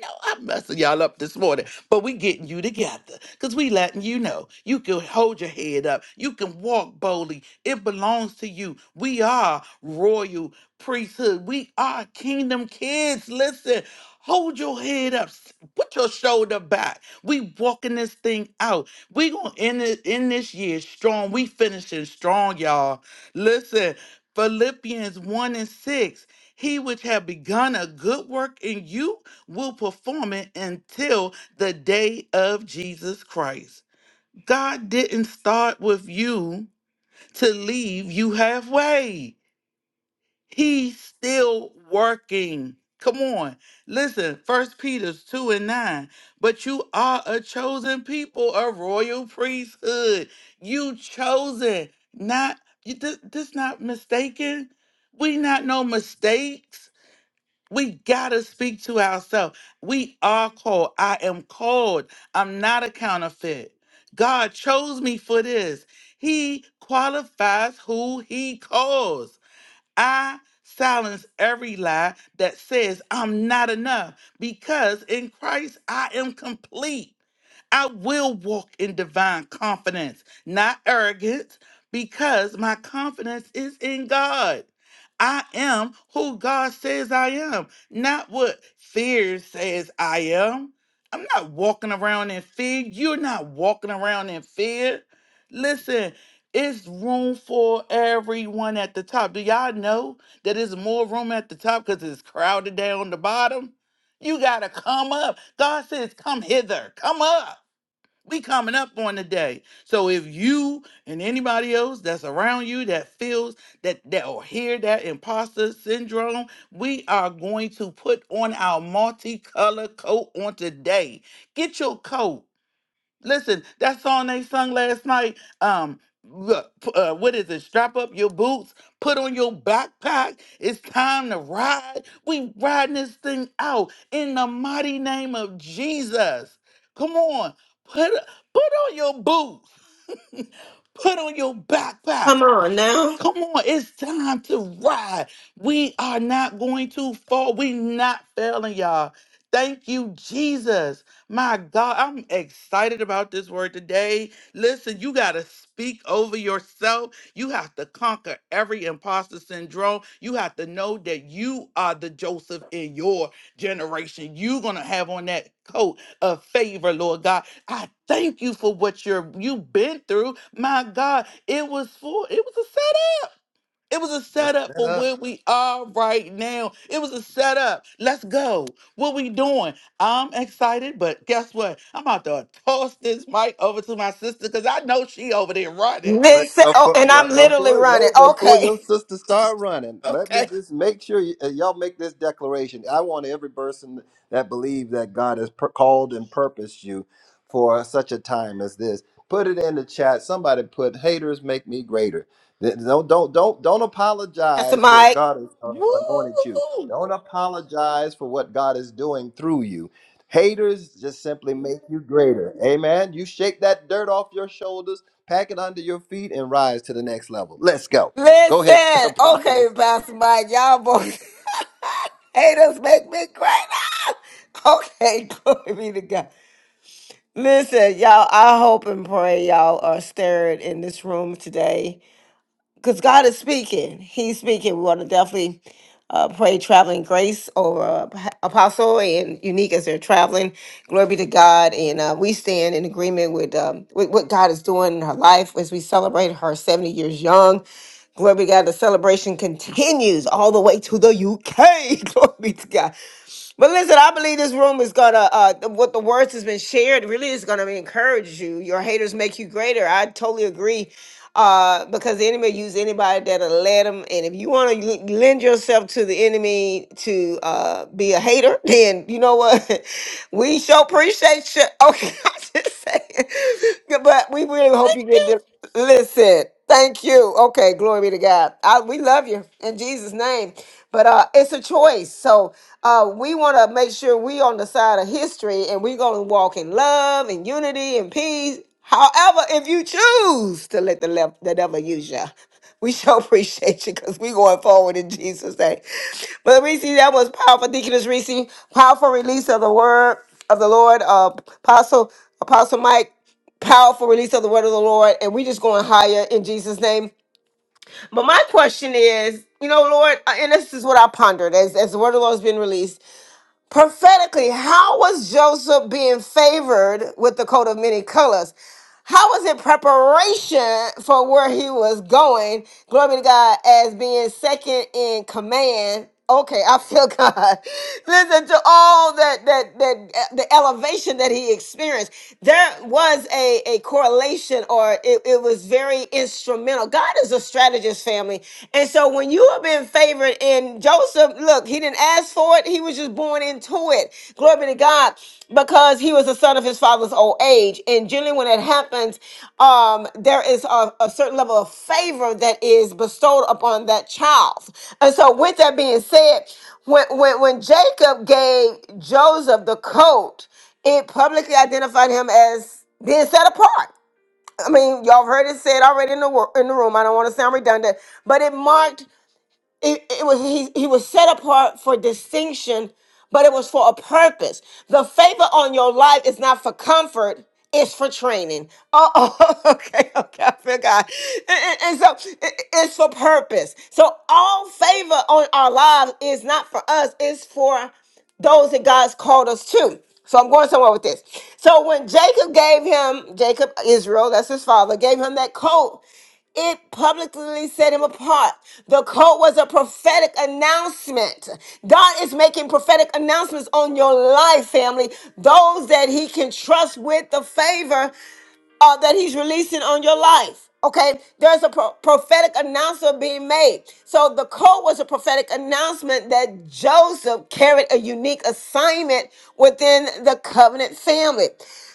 know I'm messing y'all up this morning, but we getting you together because we letting you know you can hold your head up. You can walk boldly. It belongs to you. We are royal priesthood. We are kingdom kids. Listen, hold your head up. s- Put your shoulder back. We walking this thing out. We gonna end it in this year strong. We finishing strong, y'all. Listen, Philippians 1 and 6. He which have begun a good work in you will perform it until the day of Jesus Christ. God didn't start with you to leave you halfway. He's still working. Come on. Listen, First Peter 2 and 9. But you are a chosen people, a royal priesthood. You chosen, not you this, this not mistaken. We not no mistakes we gotta speak to ourselves. We are called. I am called. I'm not a counterfeit. God chose me for this. He qualifies who he calls. I silence every lie that says I'm not enough because in Christ I am complete. I will walk in divine confidence, not arrogance, because my confidence is in God. I am who God says I am, not what fear says I am. I'm not walking around in fear. You're not walking around in fear. Listen, it's room for everyone at the top. Do y'all know that it's more room at the top because it's crowded down the bottom? You gotta come up. God says, come hither, come up. We coming up on the day. So if you and anybody else that's around you that feels that that or hear that imposter syndrome, we are going to put on our multicolored coat on today. Get your coat. Listen, that song they sung last night. Um, look, p- uh, what is it? Strap up your boots, put on your backpack. It's time to ride. We riding this thing out in the mighty name of Jesus. Come on, put put on your boots, put on your backpack.
Come on now.
Come on, it's time to ride. We are not going to fall. We not failing, y'all. Thank you, Jesus. My God, I'm excited about this word today. Listen, you got to speak over yourself. You have to conquer every imposter syndrome. You have to know that you are the Joseph in your generation. You're going to have on that coat of favor, Lord God. I thank you for what you're you've been through. My God, it was for it was a it was a
That's
setup
that
for
up.
where we are right now. It was a setup. Let's go. What we doing? I'm excited, but guess what? I'm about to toss this mic over to my sister because I know she over there running.
But
Listen, oh,
before,
and I'm
but
literally
before,
running.
wait, before
Okay,
your sister start running, let me
okay,
just make sure y- uh, y'all make this declaration. I want every person that believes that God has per- called and purposed you for such a time as this. Put it in the chat. Somebody put haters make me greater. Th- Don't don't don't don't
Pastor
apologize for what
Mike.
God has uh,
Woo!
anointed you. Don't apologize for what God is doing through you. Haters just simply make you greater. Amen. You shake that dirt off your shoulders Pack it under your feet and rise to the next level. Let's go. Go ahead,
Listen, okay,
prophetess.
Pastor Mike, y'all boys haters make me greater. Okay, glory be to God. Listen, y'all, I hope and pray y'all are stirred in this room today. because God is speaking. He's speaking. We want to definitely uh, pray traveling grace over uh, Ap- Apostle and Unique as they're traveling. Glory be to God. And uh, we stand in agreement with, um, with what God is doing in her life as we celebrate her 70 years young. Glory be to God. The celebration continues all the way to the UK. Glory be to God. But listen, I believe this room is gonna uh th- what the words has been shared really is gonna encourage you. Your haters make you greater. I totally agree. Uh, because the enemy use anybody that'll let them. And if you want to lend yourself to the enemy to uh be a hater, then you know what? we sure appreciate you. Okay, I'm just saying. But we really hope you get this. Listen, thank you. Okay, glory be to God. I, we love you in Jesus' name. But uh, it's a choice. So uh, we want to make sure we on the side of history and we're going to walk in love and unity and peace. However, if you choose to let the, left, the devil use you, we sure appreciate you because we going forward in Jesus' name. But Reese, that was powerful. Deaconess Reese, powerful release of the word of the Lord. Uh, Apostle, Apostle Mike powerful release of the word of the Lord, and we just going higher in Jesus' name. But my question is, you know, Lord, uh, and this is what I pondered as, as the word of the Lord has been released prophetically. How was Joseph being favored with the coat of many colors? How was it preparation for where he was going? Glory to God as being second in command. Okay, I feel God. Listen to all that that that uh, the elevation that he experienced. There was a, a correlation or it, it was very instrumental. God is a strategist family. And so when you have been favored in Joseph, look. Look, he didn't ask for it. He was just born into it. Glory be to God, because he was the son of his father's old age. And generally, when it happens, um, there is a, a certain level of favor that is bestowed upon that child. And so, with that being said, when when, when Jacob gave Joseph the coat, it publicly identified him as being set apart. I mean, y'all have heard it said already in the wor- in the room. I don't want to sound redundant, but it marked it, it was he, he was set apart for distinction but it was for a purpose the favor on your life is not for comfort it's for training oh, oh, okay okay i forgot and, and- and so it- it- it's for purpose so all favor on our lives is not for us it's for those that God's called us to. So I'm going somewhere with this. So when Jacob gave him, Jacob, Israel, that's his father, gave him that coat, it publicly set him apart. The coat was a prophetic announcement. God is making prophetic announcements on your life, family. Those that he can trust with the favor, uh, that he's releasing on your life. Okay, there's a pro- prophetic announcement being made. So the code was a prophetic announcement that Joseph carried a unique assignment within the covenant family.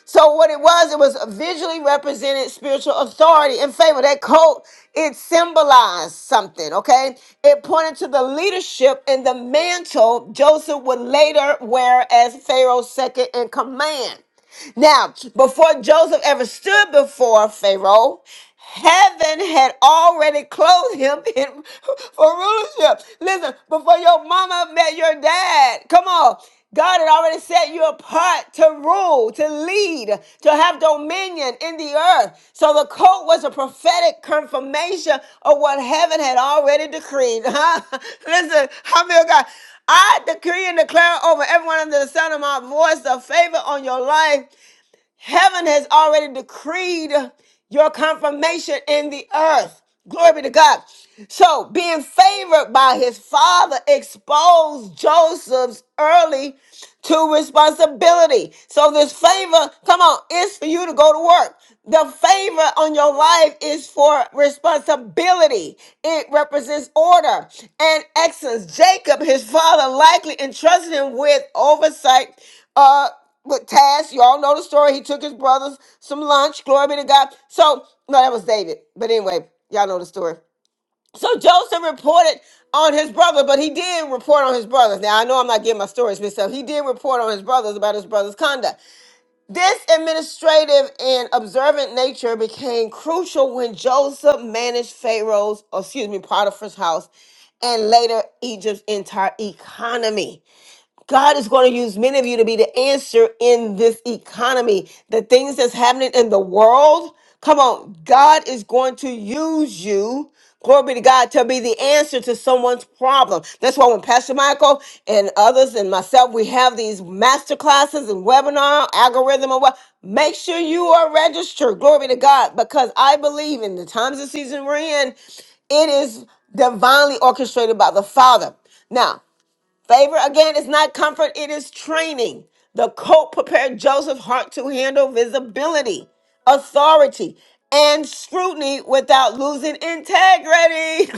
So what it was, it was a visually represented spiritual authority and favor. That coat, it symbolized something, okay? It pointed to the leadership and the mantle Joseph would later wear as Pharaoh's second in command. Now, before Joseph ever stood before Pharaoh, heaven had already clothed him in, for rulership. Listen, before your mama met your dad, come on. God had already set you apart to rule, to lead, to have dominion in the earth. So the coat was a prophetic confirmation of what heaven had already decreed. Listen, how many of God? I decree and declare over everyone under the sound of my voice the favor on your life Heaven has already decreed your confirmation in the earth. Glory be to God. So, being favored by his father exposed Joseph's early to responsibility. So, this favor, come on, it's for you to go to work. The favor on your life is for responsibility, it represents order and excellence. Jacob, his father, likely entrusted him with oversight. Uh, with Taz. You all know the story. He took his brothers some lunch. Glory be to God. So, no, that was David. But anyway, y'all know the story. So Joseph reported on his brother, but he did report on his brothers. Now I know I'm not getting my stories mixed up. He did report on his brothers about his brother's conduct. This administrative and observant nature became crucial when Joseph managed Pharaoh's, or excuse me, Potiphar's house, and later Egypt's entire economy. God is going to use many of you to be the answer in this economy. The things that's happening in the world, come on, God is going to use you. Glory be to God to be the answer to someone's problem. That's why when Pastor Michael and others and myself, we have these master classes and webinar algorithm and what. Make sure you are registered. Glory be to God, because I believe in the times and season we're in, it is divinely orchestrated by the Father. Now, Favor again is not comfort, it is training. The coat prepared Joseph's heart to handle visibility, authority, and scrutiny without losing integrity.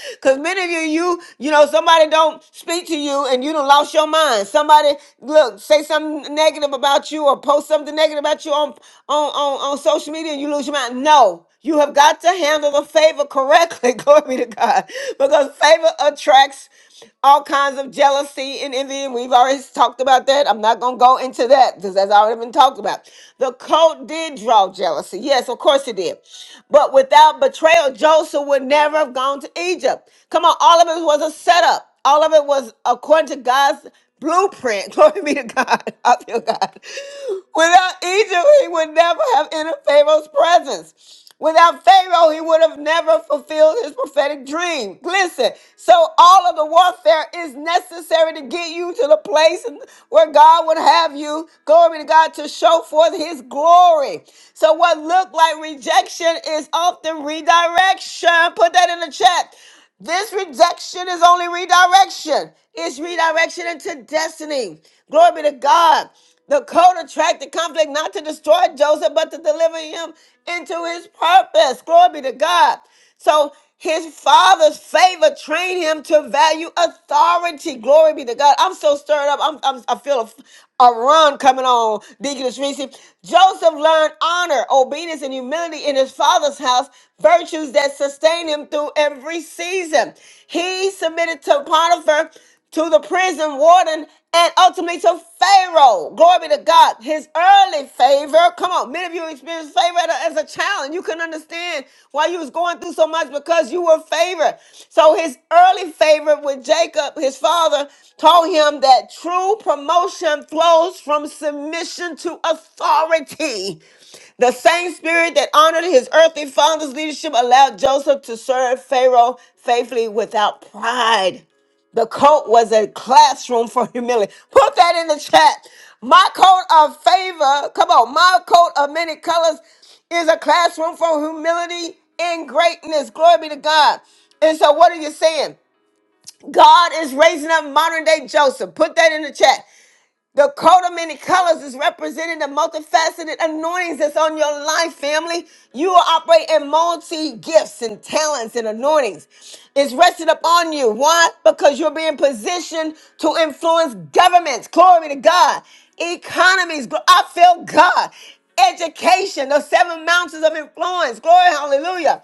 Because many of you, you, you know, somebody don't speak to you and you done lost your mind. Somebody look, say something negative about you or post something negative about you on on, on, on social media and you lose your mind. No. You have got to handle the favor correctly. Glory be to God. Because favor attracts all kinds of jealousy and envy. And we've already talked about that. I'm not going to go into that because that's already been talked about. The coat did draw jealousy. Yes, of course it did. But without betrayal, Joseph would never have gone to Egypt. Come on, all of it was a setup. All of it was according to God's blueprint. Glory be to God. I feel God. Without Egypt, he would never have entered Pharaoh's presence. Without Pharaoh, he would have never fulfilled his prophetic dream. Listen, so all of the warfare is necessary to get you to the place where God would have you, glory to God, to show forth his glory. So, what looked like rejection is often redirection. Put that in the chat. This rejection is only redirection. It's redirection into destiny. Glory be to God. The code attracted conflict not to destroy Joseph, but to deliver him into his purpose. Glory be to God. So his father's favor trained him to value authority. Glory be to God. I'm so stirred up. I'm, I'm, I feel a, a run coming on, Deaconess Reese. Joseph learned honor, obedience, and humility in his father's house virtues that sustain him through every season. He submitted to Potiphar, to the prison warden, and ultimately to Pharaoh. Glory be to God. His early favor. Come on, many of you experienced favor as a as a child, and you couldn't understand why you was going through so much because you were favored. So his early favor with Jacob, his father, told him that true promotion flows from submission to authority. The same spirit that honored his earthly father's leadership allowed Joseph to serve Pharaoh faithfully without pride. The coat was a classroom for humility. Put that in the chat. My coat of favor, come on, my coat of many colors is a classroom for humility and greatness. Glory be to God. And so, what are you saying? God is raising up modern day Joseph. Put that in the chat. The coat of many colors is representing the multifaceted anointings that's on your life, family. You will operate in multi gifts and talents and anointings. It's rested upon you. Why? Because you're being positioned to influence governments. Glory to God. Economies. Gl- I feel God. Education. The seven mountains of influence. Glory. Hallelujah.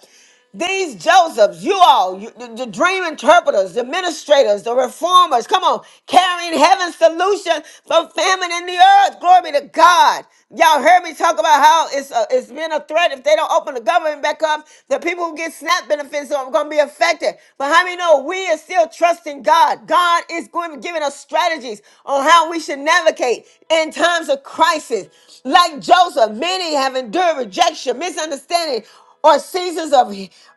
These Josephs, you all, you, the, the dream interpreters, the administrators, the reformers, come on, carrying heaven's solution for famine in the earth. Glory be to God. Y'all heard me talk about how it's a, it's been a threat if they don't open the government back up. The people who get SNAP benefits are going to be affected. But how many know we are still trusting God? God is going to be giving us strategies on how we should navigate in times of crisis. Like Joseph, many have endured rejection, misunderstanding, or seasons of,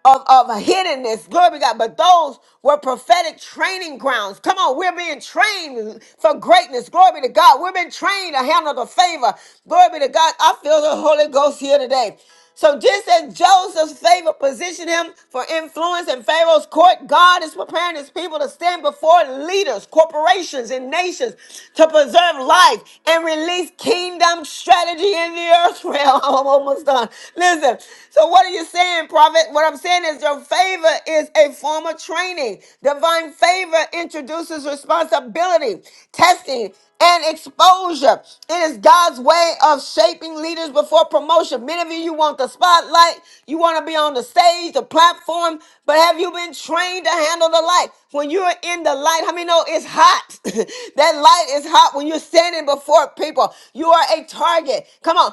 of, of hiddenness. Glory be to God. But those were prophetic training grounds. Come on, we're being trained for greatness. Glory be to God. We've been trained to handle the favor. Glory be to God. I feel the Holy Ghost here today. So just as Joseph's favor positioned him for influence in Pharaoh's court, God is preparing his people to stand before leaders, corporations, and nations to preserve life and release kingdom strategy in the earth realm. I'm almost done. Listen. So what are you saying, prophet? What I'm saying is your favor is a form of training. Divine favor introduces responsibility, testing, and exposure. It is God's way of shaping leaders before promotion. Many of you, you want the spotlight, you want to be on the stage, the platform, but have you been trained to handle the light? When you're in the light, how many know it's hot? that light is hot when when you're standing before people. You are a target. Come on.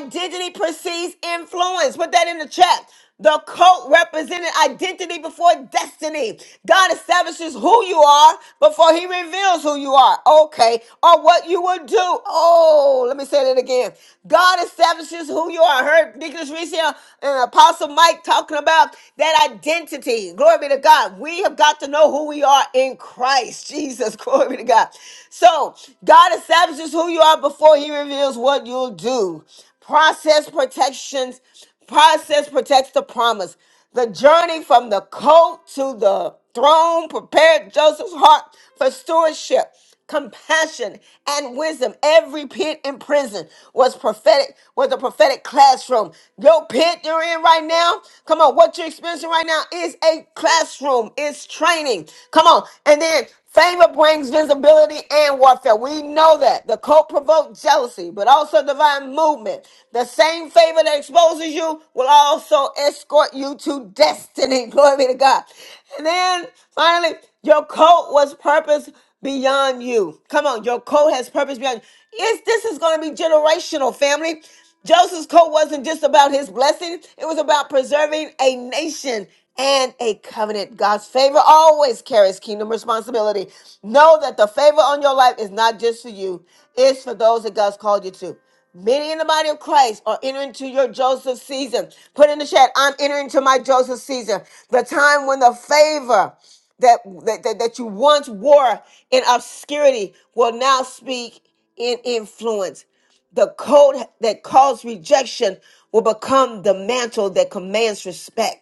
Identity precedes influence. Put that in the chat. The coat represented identity before destiny. God establishes who you are before he reveals who you are. Okay. Or what you will do. Oh, let me say that again. God establishes who you are. I heard Nicholas Reese here and Apostle Mike talking about that identity. Glory be to God. We have got to know who we are in in Christ Jesus. Glory to God. So God establishes who you are before He reveals what you'll do. Process protections, process protects the promise. The journey from the coat to the throne prepared Joseph's heart for stewardship compassion and wisdom every pit in prison was prophetic was a prophetic classroom your pit you're in right now come on what you're experiencing right now is a classroom it's training come on and then Favor brings visibility and warfare. We know that. The cult provoked jealousy, but also divine movement. The same favor that exposes you will also escort you to destiny. Glory be to God. And then finally, your cult was purpose beyond you. Come on, your coat has purpose beyond you. Yes, this is going to be generational, family. Joseph's coat wasn't just about his blessing, it was about preserving a nation and a covenant. God's favor always carries kingdom responsibility. Know that the favor on your life is not just for you, it's for those that God's called you to. Many in the body of Christ are entering into your Joseph season. Put in the chat, I'm entering into my Joseph season. The time when the favor that, that, that, that you once wore in obscurity will now speak in influence. The coat that caused rejection will become the mantle that commands respect.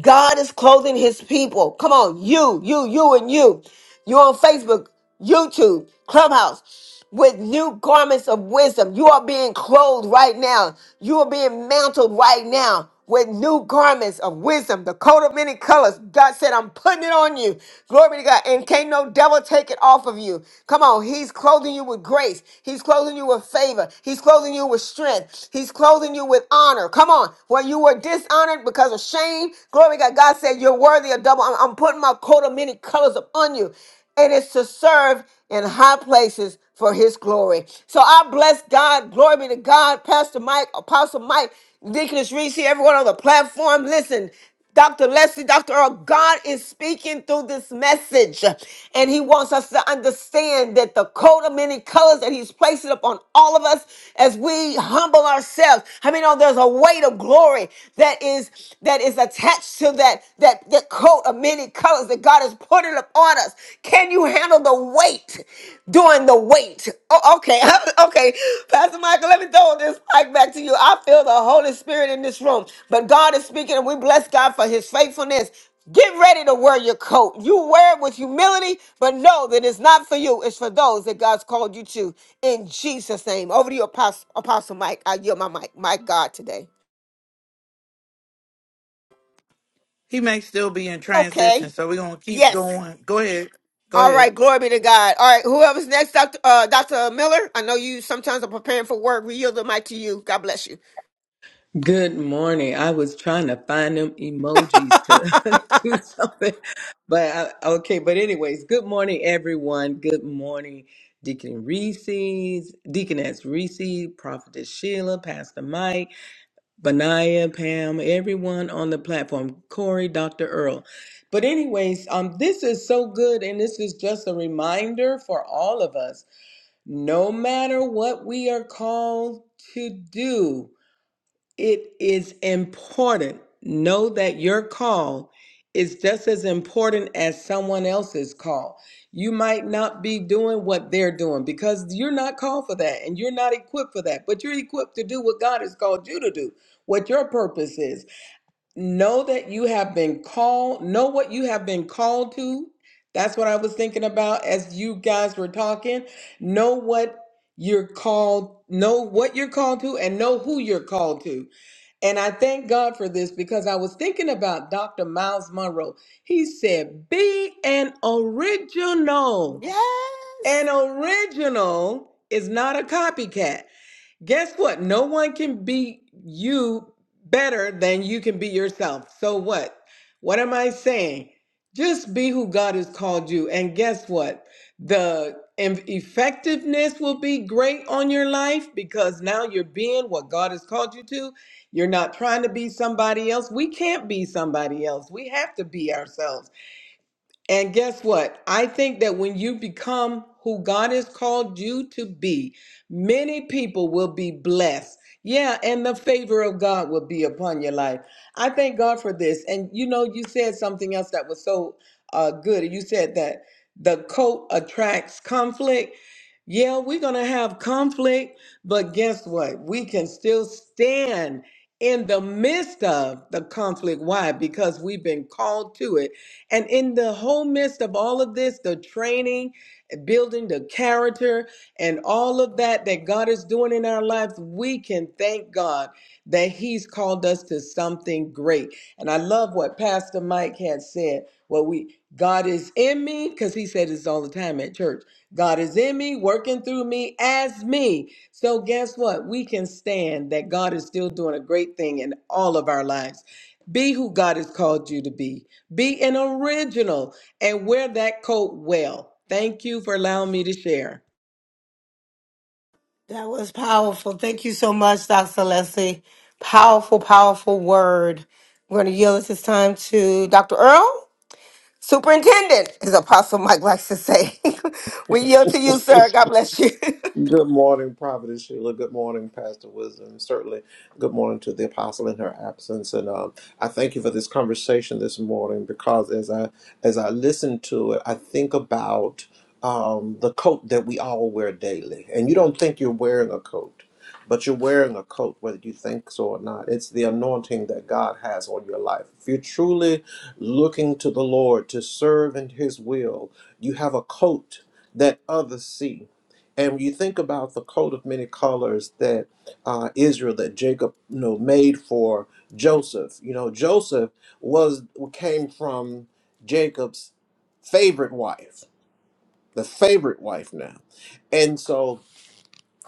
God is clothing his people. Come on, you, you, you, and you. You are on Facebook, YouTube, Clubhouse with new garments of wisdom. You are being clothed right now. You are being mantled right now with new garments of wisdom, the coat of many colors. God said, I'm putting it on you. Glory to God. And can't no devil take it off of you. Come on. He's clothing you with grace. He's clothing you with favor. He's clothing you with strength. He's clothing you with honor. Come on. Where you were dishonored because of shame. Glory to God. God said, You're worthy of double. I'm, I'm putting my coat of many colors upon you. It is to serve in high places for his glory. So I bless God. Glory be to God. Pastor Mike, Apostle Mike, Deaconess Reese, everyone on the platform. Listen, Dr. Leslie, Dr. Earl, God is speaking through this message. And he wants us to understand that the coat of many colors that he's placing upon all of us as we humble ourselves. I mean, oh, there's a weight of glory that is that is attached to that that, that coat of many colors that God is putting upon us. Can you handle the weight during the wait? Oh, okay, okay. Pastor Michael, let me throw this mic back to you. I feel the Holy Spirit in this room, but God is speaking and we bless God for his faithfulness. Get ready to wear your coat. You wear it with humility, but know that it's not for you. It's for those that God's called you to. In Jesus' name. Over to you, Apostle, Apostle Mike. I yield my mic. My God today.
He may still be in transition,
Okay.
so we're gonna keep
Yes.
going. Go ahead. Go
All
ahead.
right, glory be to God. All right, whoever's next, Dr. Uh, Dr. Miller, I know you sometimes are preparing for work. We yield the mic to you. God bless you.
Good morning. I was trying to find them emojis to do something, but I, okay. But anyways, good morning, everyone. Good morning, Deacon Reese's, Deaconess Reese, Prophetess Sheila, Pastor Mike, Benaiah, Pam, everyone on the platform, Corey, Dr. Earl. But anyways, um, this is so good, and this is just a reminder for all of us. No matter what we are called to do it is important. Know that your call is just as important as someone else's call. You might not be doing what they're doing because you're not called for that and you're not equipped for that, but you're equipped to do what God has called you to do, what your purpose is. Know that you have been called, know what you have been called to. That's what I was thinking about as you guys were talking. Know what you're called, know what you're called to, and know who you're called to. And I thank God for this because I was thinking about Dr. Miles Monroe. He said, Be an original. An
Yes,
original is not a copycat. Guess what? No one can be you better than you can be yourself. So what? What am I saying? Just be who God has called you. And guess what? The em- effectiveness will be great on your life because now you're being what God has called you to. You're not trying to be somebody else. We can't be somebody else. We have to be ourselves. And guess what? I think that when you become who God has called you to be, many people will be blessed. Yeah, and the favor of God will be upon your life. I thank God for this. And you know, you said something else that was so uh, good. You said that the coat attracts conflict. Yeah, we're going to have conflict, but guess what? We can still stand in the midst of the conflict. Why? Because we've been called to it and in the whole midst of all of this, the training, building the character, and all of that that God is doing in our lives, we can thank God that He's called us to something great. And I love what Pastor Mike had said. What we God is in me, because he said this all the time at church. God is in me, working through me as me. So guess what? We can stand that God is still doing a great thing in all of our lives. Be who God has called you to be. Be an original and wear that coat well. Thank you for allowing me to share.
that was powerful. Thank you so much, Dr. Leslie. Powerful, powerful word. We're going to yield at this time to Dr. Earl, Superintendent, as Apostle Mike likes to say. we yield to you, sir. God bless you.
Good morning, Prophet Sheila. Good morning, Pastor Wisdom. Certainly, good morning to the apostle in her absence. And um, I thank you for this conversation this morning because as I as I listen to it, I think about um, the coat that we all wear daily. And you don't think you're wearing a coat, but you're wearing a coat whether you think so or not. It's the anointing that God has on your life. If you're truly looking to the Lord to serve in His will, you have a coat that others see. And when you think about the coat of many colors that uh, Israel, that Jacob, you know, made for Joseph, you know, Joseph was came from Jacob's favorite wife, the favorite wife now, and so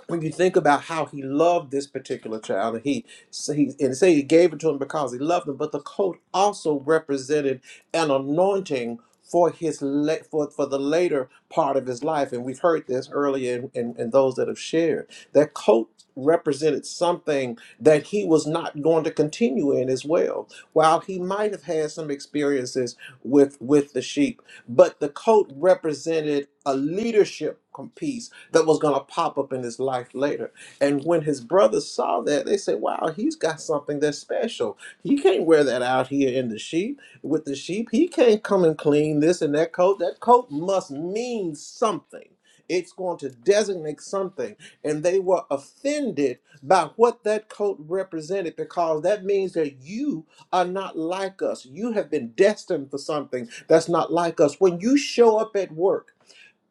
when you think about how he loved this particular child, and he, so he and say he gave it to him because he loved him, but the coat also represented an anointing for his la- for, for the later part of his life. And we've heard this earlier in, in, in those that have shared. That coat represented something that he was not going to continue in as well. While he might have had some experiences with with the sheep, but the coat represented a leadership com- piece that was going to pop up in his life later. And when his brothers saw that, they said, Wow, he's got something that's special. He can't wear that out here in the sheep with the sheep. He can't come and clean this and that coat. That coat must mean something. It's going to designate something. And they were offended by what that coat represented because that means that you are not like us. You have been destined for something that's not like us. When you show up at work,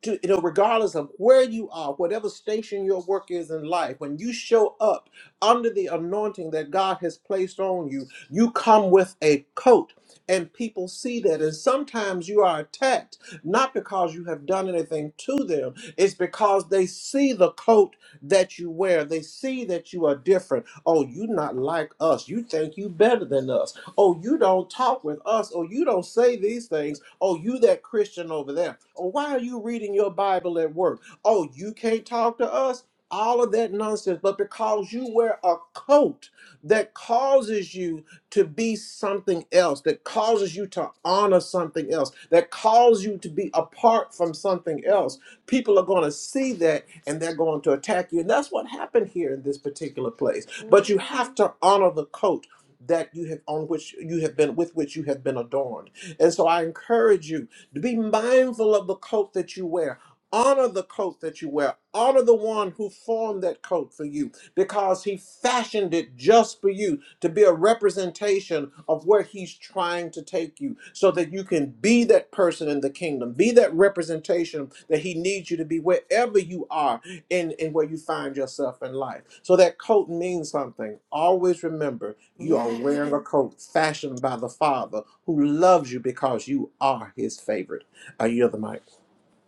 to you know regardless of where you are whatever station your work is in life when you show up under the anointing that god has placed on you you come with a coat and people see that and sometimes you are attacked not because you have done anything to them it's because they see the coat that you wear they see that you are different oh you not like us you think you better than us oh you don't talk with us Oh, you don't say these things Oh, you that Christian over there. Oh, why are you reading your Bible at work? Oh, you can't talk to us. All of that nonsense, but because you wear a coat that causes you to be something else, that causes you to honor something else, that calls you to be apart from something else, people are going to see that and they're going to attack you. And that's what happened here in this particular place. But you have to honor the coat that you have on which you have been with which you have been adorned and so I encourage you to be mindful of the coat that you wear Honor the coat that you wear. Honor the one who formed that coat for you because he fashioned it just for you to be a representation of where he's trying to take you so that you can be that person in the kingdom, be that representation that he needs you to be wherever you are in, in where you find yourself in life. So that coat means something. Always remember you are
Yeah.
wearing a coat fashioned by the Father who loves you because you are his favorite. I yield the mic.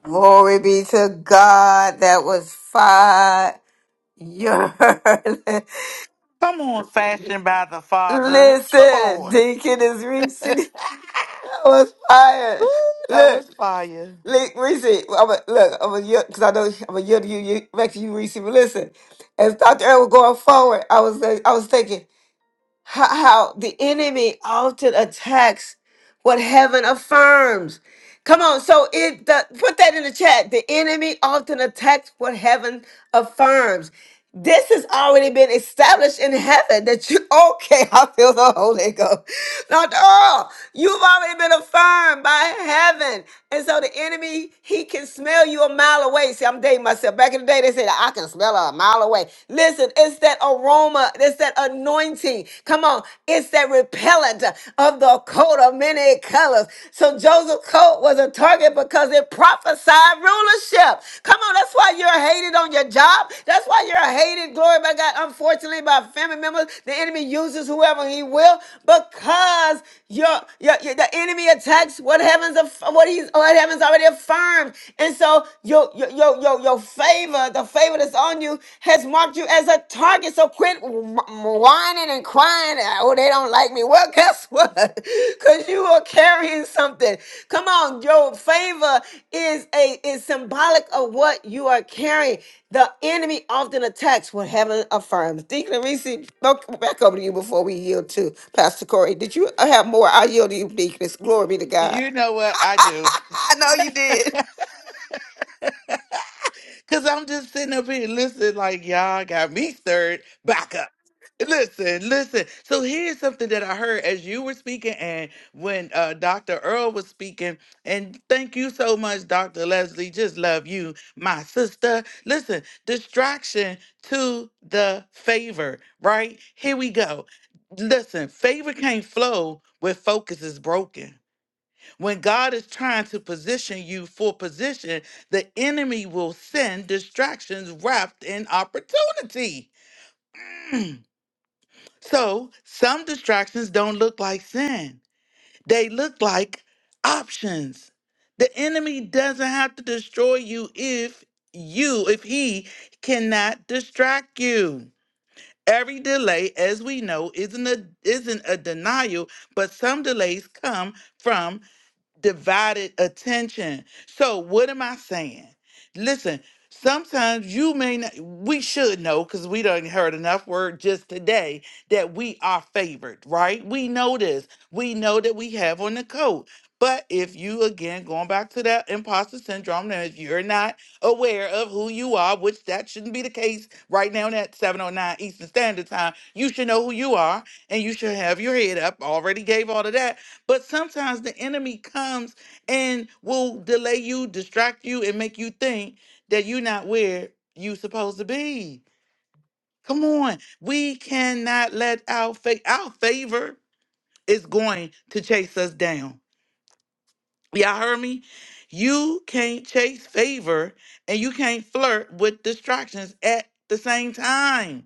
Glory be to God. That was fire. Your
Come on, fashioned by the Father. Come
listen,
on.
Deacon is Reese. I was
Woo,
fired.
that
Look,
was fire.
look, Reese. I'm a, look, I'm a because I know I'm a yield to you, you back to you, Reese. But listen, as Dr. Earl was going forward, I was uh, I was thinking how, how the enemy often attacks what heaven affirms. Come on, so it the, put that in the chat. The enemy often attacks what heaven affirms. This has already been established in heaven that you okay. I feel the Holy Ghost. Not all. You've already been affirmed by heaven, and so the enemy he can smell you a mile away. See, I'm dating myself. Back in the day, they said I can smell her a mile away. Listen, it's that aroma. It's that anointing. Come on, it's that repellent of the coat of many colors. So Joseph coat was a target because it prophesied rulership. Come on, that's why you're hated on your job. That's why you're hated, glory by God, unfortunately, by family members. The enemy uses whoever he will because your, your, your- the enemy attacks what heavens aff- what he's what heavens already affirmed. And so your your your your, your favor, the favor that's on you, has marked you as a target. So quit wh- whining and crying. Oh, they don't like me. Well, guess what? Because you are carrying something. Come on, your favor is a is symbolic of what you are carrying. The enemy often attacks what heaven affirms. Deacon Reese, look back over to you before we yield to Pastor Corey. Did you have more? I yield to you, Deaconess. Glory be to God.
You know what I do.
I know you did.
Cause I'm just sitting up here listening, like y'all got me stirred back up. Listen, listen. So here's something that I heard as you were speaking and when uh, Dr. Earl was speaking. And thank you so much, Dr. Leslie. Just love you, my sister. Listen, distraction to the favor, right? Here we go. Listen, favor can't flow where focus is broken. When God is trying to position you for position, the enemy will send distractions wrapped in opportunity. So some distractions don't look like sin, they look like options. The enemy doesn't have to destroy you if you, if he cannot distract you. Every delay, as we know, isn't a, isn't a denial, but some delays come from divided attention. So, what am I saying? Listen, sometimes you may not, we should know because we done heard enough word just today that we are favored, right? We know this. We know that we have on the coat. But if you, again, going back to that imposter syndrome, now if you're not aware of who you are, which that shouldn't be the case right now at 709 Eastern Standard Time, you should know who you are and you should have your head up. Already gave all of that but sometimes the enemy comes and will delay you, distract you, and make you think that you're not where you are supposed to be. Come on. We cannot let our faith, our favor is going to chase us down. Y'all heard me? You can't chase favor and you can't flirt with distractions at the same time.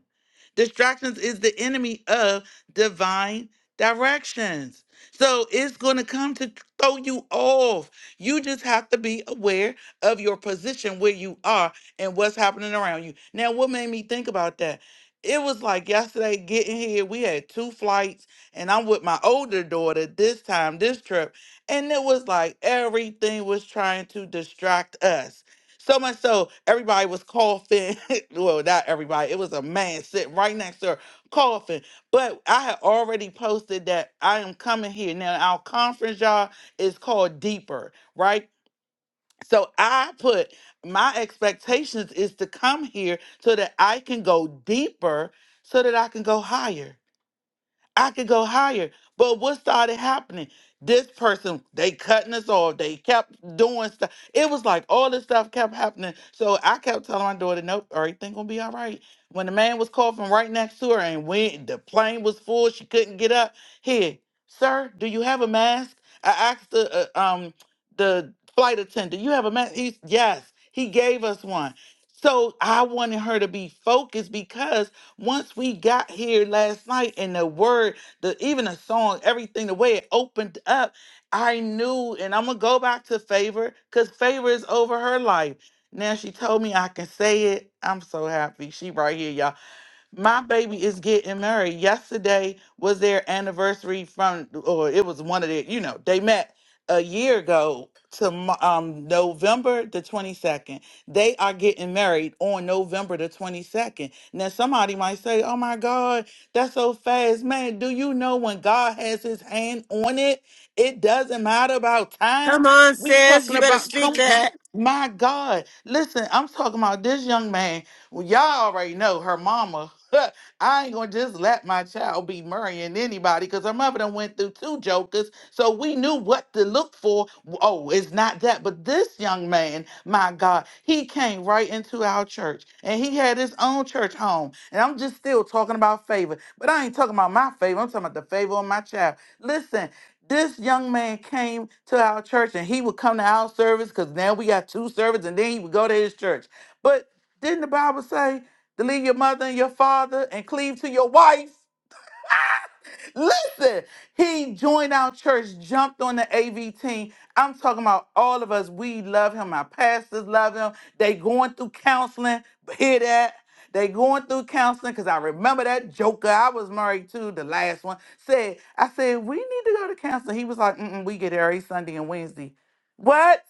Distractions is the enemy of divine directions. So it's going to come to throw you off. You just have to be aware of your position where you are and what's happening around you. Now, what made me think about that? It was like yesterday getting here, we had two flights, and I'm with my older daughter this time, this trip, and it was like everything was trying to distract us. So much so, everybody was coughing. well, not everybody. It was a man sitting right next to her coughing. But I had already posted that I am coming here. Now, our conference, y'all, is called Deeper, right? So I put my expectations is to come here so that I can go deeper, so that I can go higher. I could go higher. But what started happening? This person, they cutting us off. They kept doing stuff. It was like all this stuff kept happening. So I kept telling my daughter, nope, everything gonna be all right. When the man was coughing right next to her and when the plane was full, she couldn't get up. Here, sir, do you have a mask? I asked the uh, um the flight attendant, do you have a mask? He's yes, he gave us one. So I wanted her to be focused because once we got here last night and the word, the even the song, everything, the way it opened up, I knew, and I'm gonna go back to favor, because favor is over her life. Now she told me I can say it. I'm so happy. She right here, y'all. My baby is getting married. Yesterday was their anniversary from, or it was one of their, you know, they met a year ago to mo- um, November the 22nd. They are getting married on November the 22nd. Now, somebody might say, oh my God, that's so fast. Man, do you know when God has his hand on it, it doesn't matter about time?
Come on,
We
sis.
talking
You better
about,
speak
come on.
that.
My God, listen, I'm talking about this young man. Well, y'all already know her mama. I ain't gonna just let my child be marrying anybody because her mother done went through two jokers, so we knew what to look for. Oh, it's not that, but this young man, my God, he came right into our church and he had his own church home. And I'm just still talking about favor, but I ain't talking about my favor. I'm talking about the favor of my child. Listen, this young man came to our church and he would come to our service because now we got two services and then he would go to his church. But didn't the Bible say to leave your mother and your father and cleave to your wife? Listen, he joined our church, jumped on the AV team. I'm talking about all of us. We love him. Our pastors love him. They going through counseling. Hear that? They going through counseling because I remember that joker I was married to, the last one, said, I said, we need to go to counseling. He was like, mm we get there every Sunday and Wednesday. What?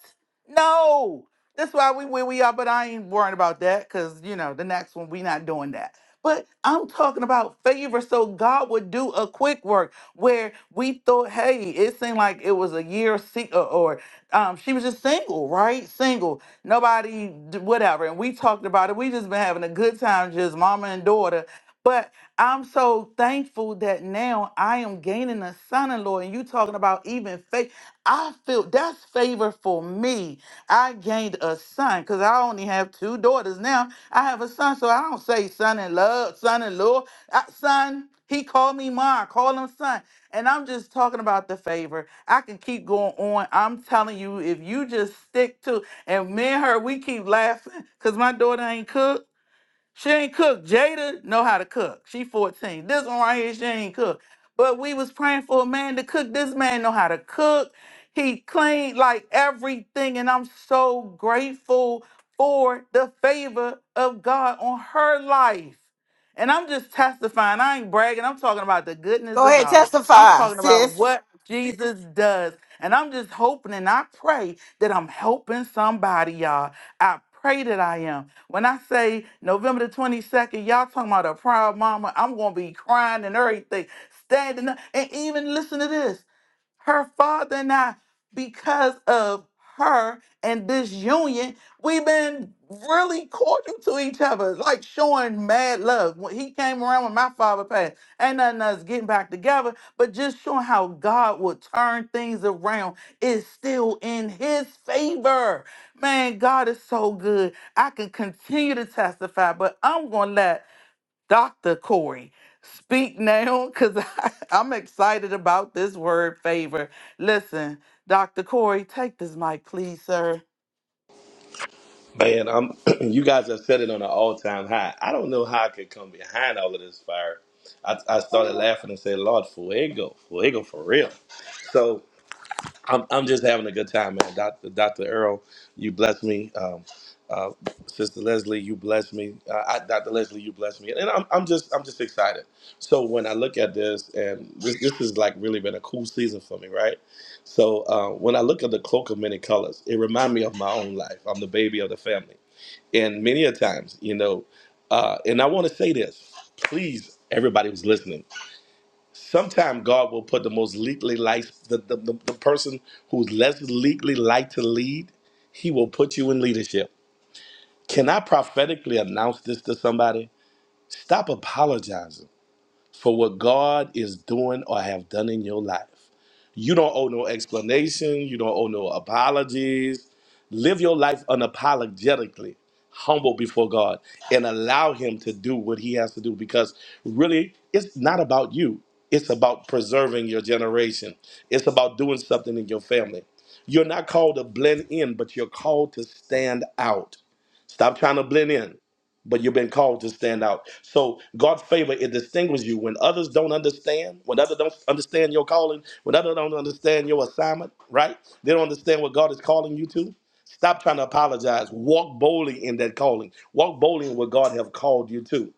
No. That's why we where we are, but I ain't worrying about that because, you know, the next one, we not doing that. But I'm talking about favor so God would do a quick work where we thought, hey, it seemed like it was a year se- or, or um, she was just single, right? Single, nobody, d- whatever. And we talked about it. We just been having a good time, just mama and daughter. But I'm so thankful that now I am gaining a son-in-law, and you talking about even faith. I feel that's favor for me. I gained a son because I only have two daughters now I have a son, so I don't say son in love, son in law. I, son, he called me mom, call him son. And I'm just talking about the favor. I can keep going on. I'm telling you, if you just stick to, and me and her, we keep laughing because my daughter ain't cook. She ain't cook. Jada know how to cook. She 14. This one right here, she ain't cook. But we was praying for a man to cook. This man know how to cook. He cleaned like everything, and I'm so grateful for the favor of God on her life. And I'm just testifying. I ain't bragging. I'm talking about the goodness
Go
of
ahead,
God. I'm
testify,
talking about
sis.
what Jesus does. And I'm just hoping and I pray that I'm helping somebody, y'all. I pray that I am. When I say November the 22nd, y'all talking about a proud mama, I'm going to be crying and everything, standing up. And even listen to this her father and I, because of her and this union, we've been really cordial to each other, like showing mad love. When he came around when my father passed, ain't nothing us getting back together, but just showing how God will turn things around is still in his favor. Man, God is so good. I can continue to testify, but I'm gonna let Dr. Corey, speak now because I'm excited about this word favor. Listen, Dr. Corey, take this mic, please, sir.
Man, I'm you guys have set it on an all-time high. I don't know how I could come behind all of this fire. I, I started laughing and said, Lord, fuego, fuego for real. So I'm, I'm just having a good time, man. Dr. Dr. Earl, you bless me. Um, uh, Sister Leslie, you bless me. Uh, I, Dr. Leslie, you bless me. And I'm, I'm just I'm just excited. So when I look at this, and this, this has like really been a cool season for me, right? So uh, when I look at the cloak of many colors, it reminds me of my own life. I'm the baby of the family. And many a times, you know, uh, and I want to say this, please, everybody who's listening. Sometime God will put the most legally like the, the, the, the person who's less legally like to lead, he will put you in leadership. Can I prophetically announce this to somebody? Stop apologizing for what God is doing or have done in your life. You don't owe no explanation. You don't owe no apologies Live your life unapologetically, humble before God, and allow Him to do what He has to do because really, it's not about you. It's about preserving your generation, it's about doing something in your family. You're not called to blend in, but you're called to stand out. Stop trying to blend in, but you've been called to stand out. So God's favor it distinguishes you when others don't understand, when others don't understand your calling, when others don't understand your assignment. Right? They don't understand what God is calling you to. Stop trying to apologize. Walk boldly in that calling. Walk boldly in what God have called you to.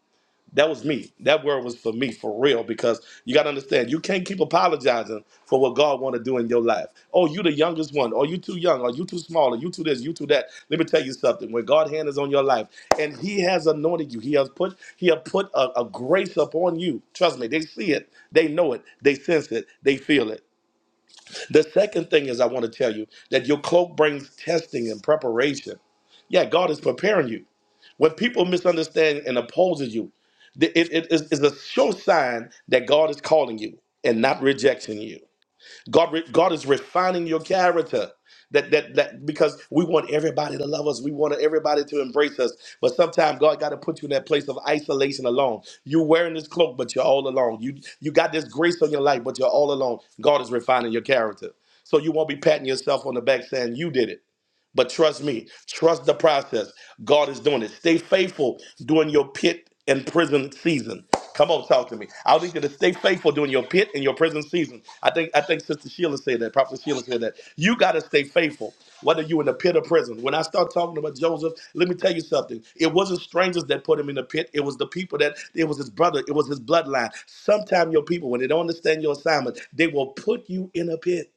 That was me. That word was for me, for real, because you got to understand, you can't keep apologizing for what God want to do in your life. Oh, you the youngest one, Oh, you too young, or you too small, or you too this, you too that. Let me tell you something. When God hand is on your life, and He has anointed you, He has put He has put a, a grace upon you. Trust me, they see it, they know it, they sense it, they feel it. The second thing is, I want to tell you that your cloak brings testing and preparation. Yeah, God is preparing you. When people misunderstand and opposes you, th- it, it is is a sure sign that God is calling you and not rejecting you. God, re- God is refining your character. That, that that because we want everybody to love us, we want everybody to embrace us. But sometimes God got to put you in that place of isolation, alone. You're wearing this cloak, but you're all alone. You you got this grace on your life, but you're all alone. God is refining your character, so you won't be patting yourself on the back saying you did it. But trust me, trust the process. God is doing it. Stay faithful during your pit and prison season. Come on, talk to me. I need you to stay faithful during your pit and your prison season. I think I think Sister Sheila said that. Prophet Sheila said that. You gotta stay faithful, whether you in the pit or prison. When I start talking about Joseph, let me tell you something. It wasn't strangers that put him in the pit. It was the people that it was his brother. It was his bloodline. Sometimes your people, when they don't understand your assignment, they will put you in a pit.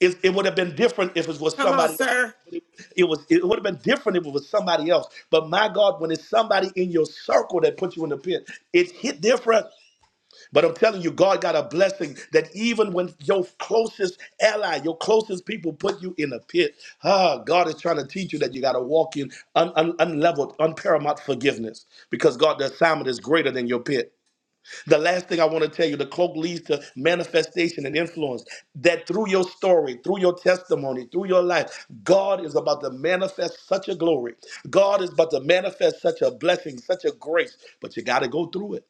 It, it would have been different if it was
Come on,
somebody else.
sir.
It, it was. It would have been different if it was somebody else. But my God, when it's somebody in your circle that put you in the pit, it hit different. But I'm telling you, God got a blessing that even when your closest ally, your closest people put you in a pit, ah, God is trying to teach you that you got to walk in un, un, unleveled, unparamount forgiveness because God, the assignment is greater than your pit. The last thing I want to tell you the cloak leads to manifestation and influence. That through your story, through your testimony, through your life, God is about to manifest such a glory. God is about to manifest such a blessing, such a grace, but you got to go through it.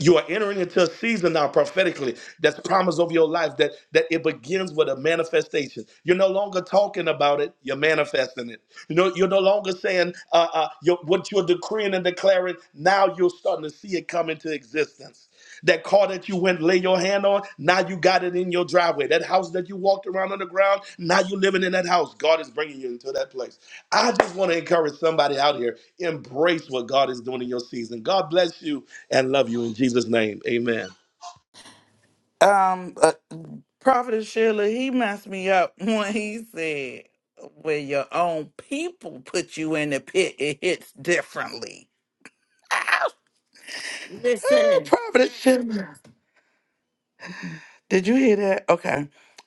You are entering into a season now prophetically that's promised over your life that, that it begins with a manifestation. You're no longer talking about it, you're manifesting it. You know, you're no longer saying uh, uh, you're, what you're decreeing and declaring, now you're starting to see it come into existence. That car that you went lay your hand on, now you got it in your driveway. That house that you walked around on the ground, now you living in that house. God is bringing you into that place. I just want to encourage somebody out here, embrace what God is doing in your season. God bless you and love you in Jesus' name. Amen.
Um, uh, Prophet Sheila, he messed me up when he said, where your own people put you in the pit, it hits differently. Ow!
Listen.
Prophet Sheila. Did you hear that? Okay.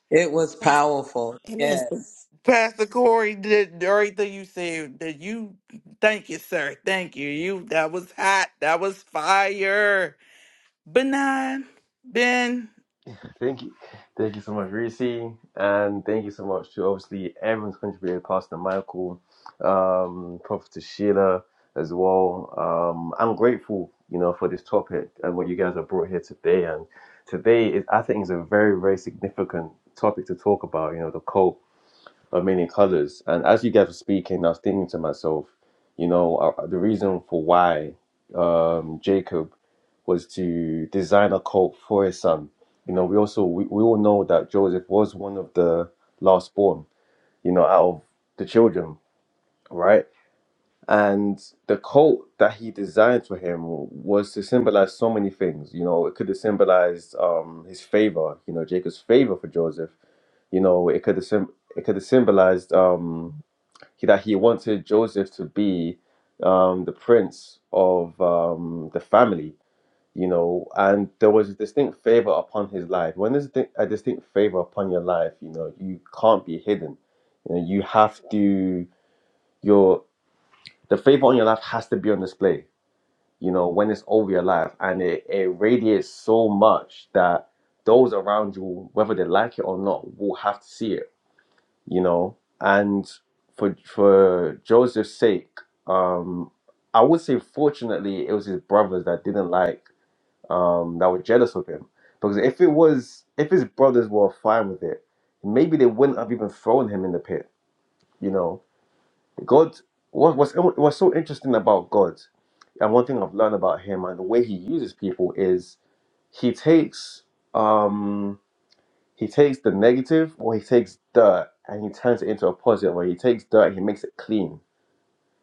It was powerful.
Amen.
Yes.
Pastor Corey did everything you said that you thank you, sir. Thank you. You that was hot. That was fire. Benign. Ben.
Thank you. Thank you so much, Reese. And thank you so much to obviously everyone's contributed, Pastor Michael, um, Prophet Sheila as well. Um, I'm grateful, you know, for this topic and what you guys have brought here today. And today is I think is a very, very significant topic to talk about, you know, the cult of many colors. And as you guys were speaking, I was thinking to myself, you know, uh, uh, the reason for why um, Jacob was to design a coat for his son. You know, we also we, we all know that Joseph was one of the last born, you know, out of the children, right? And the coat that he designed for him was to symbolize so many things. You know, it could have symbolized um, his favor, you know, Jacob's favor for Joseph. You know, it could have sim- it could have symbolized um, he, that he wanted Joseph to be um, the prince of um, the family, you know, and there was a distinct favor upon his life. When there's a, di- a distinct favor upon your life, you know, you can't be hidden. You know, you have to your the favor on your life has to be on display. You know, when it's over your life, and it, it radiates so much that those around you, whether they like it or not, will have to see it you know. And for for Joseph's sake, um, I would say fortunately it was his brothers that didn't like, um, that were jealous of him. Because if it was, if his brothers were fine with it, maybe they wouldn't have even thrown him in the pit. You know, God. What was what's so interesting about God, and one thing I've learned about him and the way he uses people is he takes. Um, he takes the negative or he takes dirt and he turns it into a positive, or he takes dirt and he makes it clean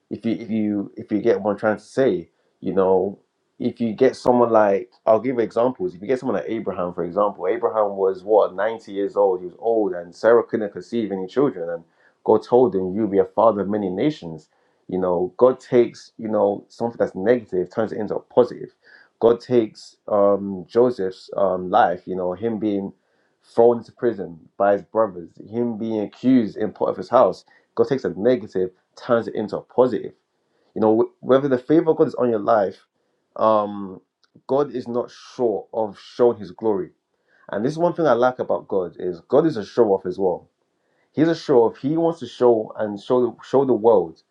if you if you if you get what I'm trying to say, you know, if you get someone like I'll give examples. If you get someone like Abraham, for example, Abraham was what 90 years old. He was old, and Sarah couldn't conceive any children, and God told him, "You'll be a father of many nations." You know, God takes you know something that's negative, turns it into a positive. God takes um, Joseph's um, life, you know, him being thrown into prison by his brothers, him being accused in Potiphar's house God takes a negative, turns it into a positive. You know, wh- whether the favor of God is on your life, um, God is not short of showing His glory. And this is one thing I like about God is God is a show off as well. He's a show off. He wants to show and show the, show the world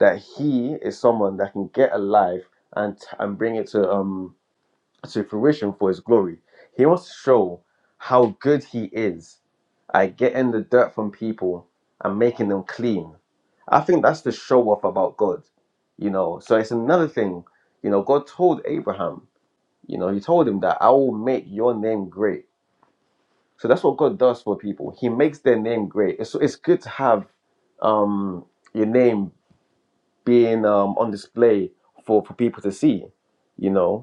that He is someone that can get a life and t- and bring it to um to fruition for his glory. He wants to show how good he is at getting the dirt from people and making them clean. I think that's the show off about God, you know. So it's another thing, you know, God told Abraham, you know, he told him that I will make your name great. So that's what God does for people. He makes their name great. It's, it's good to have um, your name being um, on display for, for people to see, you know.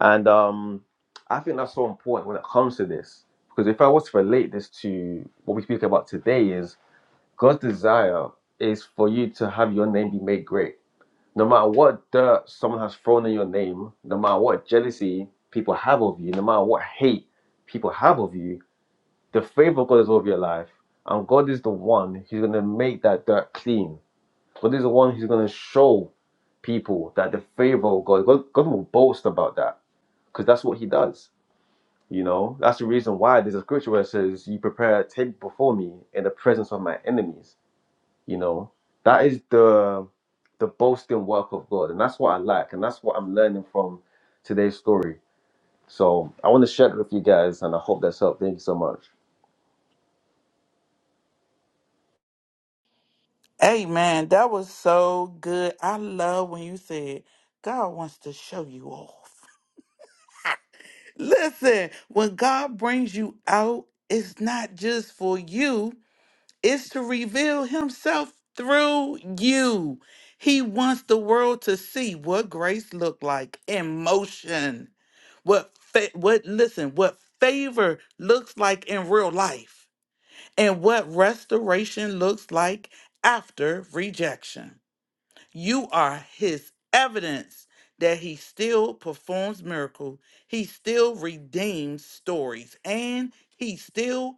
And um, I think that's so important when it comes to this. Because if I was to relate this to what we speak about today is God's desire is for you to have your name be made great. No matter what dirt someone has thrown in your name, no matter what jealousy people have of you, no matter what hate people have of you, the favor of God is over your life. And God is the one who's going to make that dirt clean. God is the one who's going to show people that the favor of God, God, God will boast about that because that's what he does you know, that's the reason why there's a scripture where it says, You prepare a table before me in the presence of my enemies. You know, that is the the boasting work of God. And that's what I like. And that's what I'm learning from today's story. So I want to share it with you guys and I hope that's helped. Thank you so much.
Hey man, that was so good. I love when you said God wants to show you off. Listen, when God brings you out, it's not just for you, it's to reveal himself through you. He wants the world to see what grace looked like in motion. what fa- what listen what favor looks like in real life and what restoration looks like after rejection you are his evidence that he still performs miracles, he still redeems stories, and he still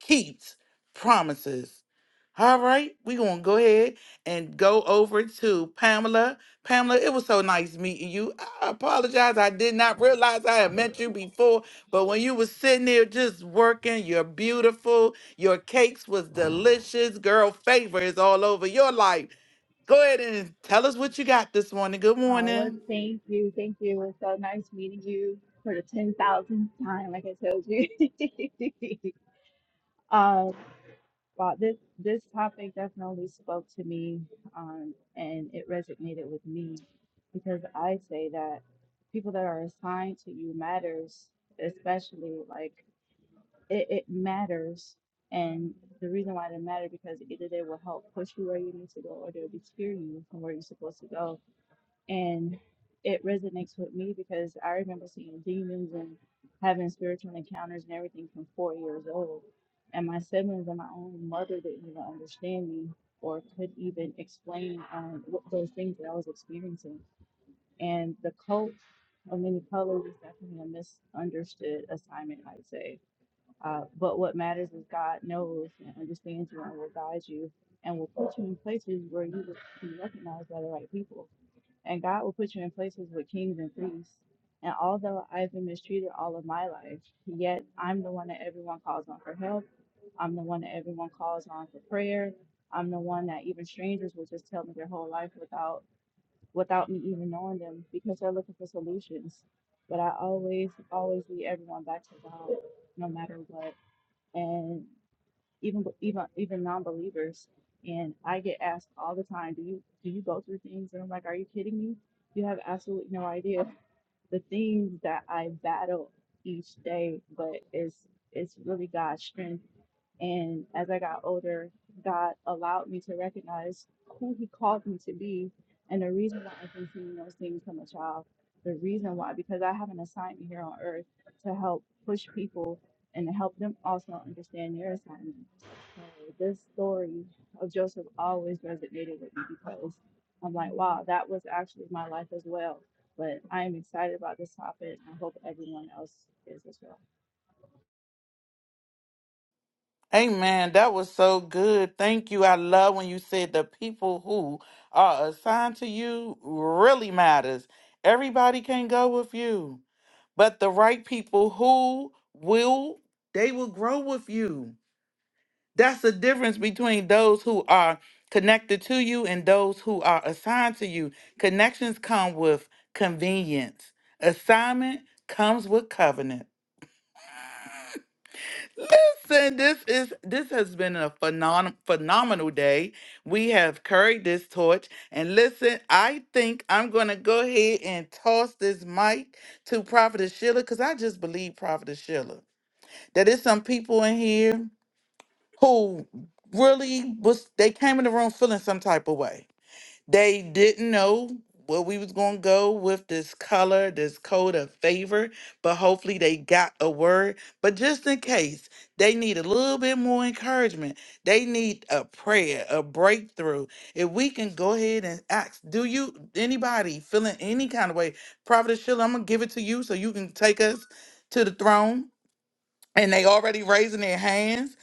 keeps promises. All right, we're gonna go ahead and go over to Pamela. Pamela, it was so nice meeting you. I apologize, I did not realize I had met you before, but when you was sitting there just working, you're beautiful. Your cakes was delicious. Girl, favor is all over your life. Go ahead and tell us what you got this morning. Good
Uh, well,
morning.
thank you. Thank you. It was so nice meeting you for the 10,000th time, like I told you. um, wow, this, this topic definitely spoke to me um, and it resonated with me because I say that people that are assigned to you matters, especially like it, it matters. And the reason why they matter because either they will help push you where you need to go or they'll deter you from where you're supposed to go and it resonates with me because I remember seeing demons and having spiritual encounters and everything from four years old. And my siblings and my own mother didn't even understand me or could even explain um, what those things that I was experiencing. And the cult of many colors is definitely a misunderstood assignment, I'd say. Uh, but what matters is God knows and understands you and will guide you and will put you in places where you will be recognized by the right people and God will put you in places with kings and priests. And although I've been mistreated all of my life, yet I'm the one that everyone calls on for help. I'm the one that everyone calls on for prayer. I'm the one that even strangers will just tell me their whole life without without me even knowing them because they're looking for solutions. But I always, always lead everyone back to God, no matter what. And even even even non-believers and i get asked all the time do you do you go through things and i'm like are you kidding me you have absolutely no idea the things that i battle each day but it's it's really god's strength and as I got older, God allowed me to recognize who He called me to be and the reason why I've been seeing those things from a child. The reason why, because I have an assignment here on earth to help push people and to help them also understand their assignment. So this story of Joseph always resonated with me because I'm like, wow, that was actually my life as well. But I am excited about this topic. I hope everyone else is as well.
Amen. That was so good. Thank you. I love when you said the people who are assigned to you really matters. Everybody can go with you, but the right people who will, they will grow with you. That's the difference between those who are connected to you and those who are assigned to you. Connections come with convenience. Assignment comes with covenant. Listen, this is this has been a phenom- phenomenal day. We have carried this torch, and listen, I think I'm gonna go ahead and toss this mic to Prophetess Sheila because I just believe Prophetess Sheila that there's some people in here who really was they came in the room feeling some type of way. They didn't know where we was going to go with this color, this code of favor, but hopefully they got a word. But just in case, they need a little bit more encouragement. They need a prayer, a breakthrough. If we can go ahead and ask, do you, anybody feeling any kind of way? Prophet Sheila, I'm going to give it to you so you can take us to the throne. And they already raising their hands.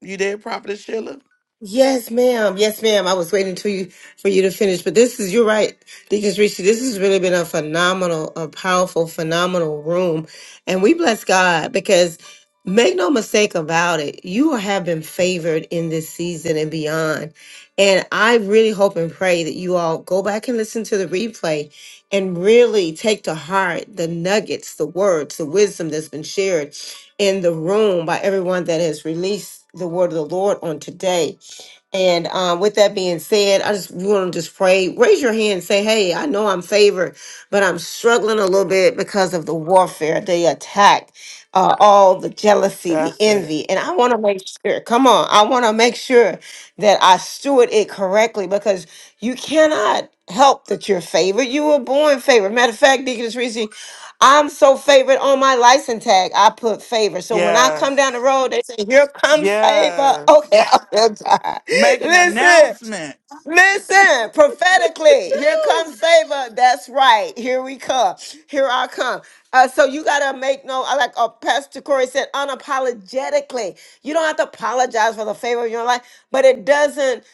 You there, Prophet Sheila?
Yes, ma'am. Yes, ma'am. I was waiting to you for you to finish, but this is you're right, Deaconess Reese. This has really been a phenomenal, a powerful, phenomenal room, and we bless God because make no mistake about it, you have been favored in this season and beyond. And I really hope and pray that you all go back and listen to the replay and really take to heart the nuggets, the words, the wisdom that's been shared in the room by everyone that has released the word of the Lord on today and um, with that being said, I just want to just pray. Raise your hand and say, Hey, I know I'm favored, but I'm struggling a little bit because of the warfare, the attack, uh, all the jealousy, the
That's it.
envy. And I want to make sure, come on, I want to make sure that I steward it correctly because you cannot help that you're favored. You were born favored. Matter of fact, Deaconess Reese, I'm so favored on my license tag. I put favor. So when I come down the
Yes.
road, they say, Here comes favor.
Yes.
Okay, I'm tired.
Make an
Listen,
announcement.
listen, prophetically, here comes
Woo!
favor. That's right. Here we come. Here I come. Uh, so you gotta make no, I like uh, Pastor Corey said, unapologetically. You don't have to apologize for the favor of your life, but it doesn't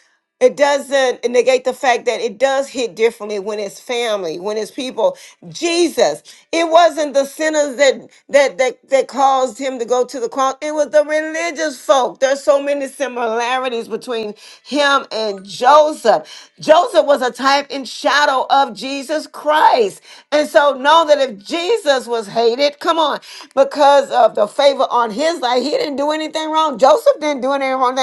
it doesn't negate the fact that it does hit differently when it's family, when it's people. Jesus, it wasn't the sinners that that that that caused him to go to the cross. It was the religious folk. There's so many similarities between him and Joseph. Joseph was a type and shadow of Jesus Christ. And so know that if Jesus was hated, come on, because of the favor on his life, he didn't do anything do anything wrong. Joseph didn't do anything wrong.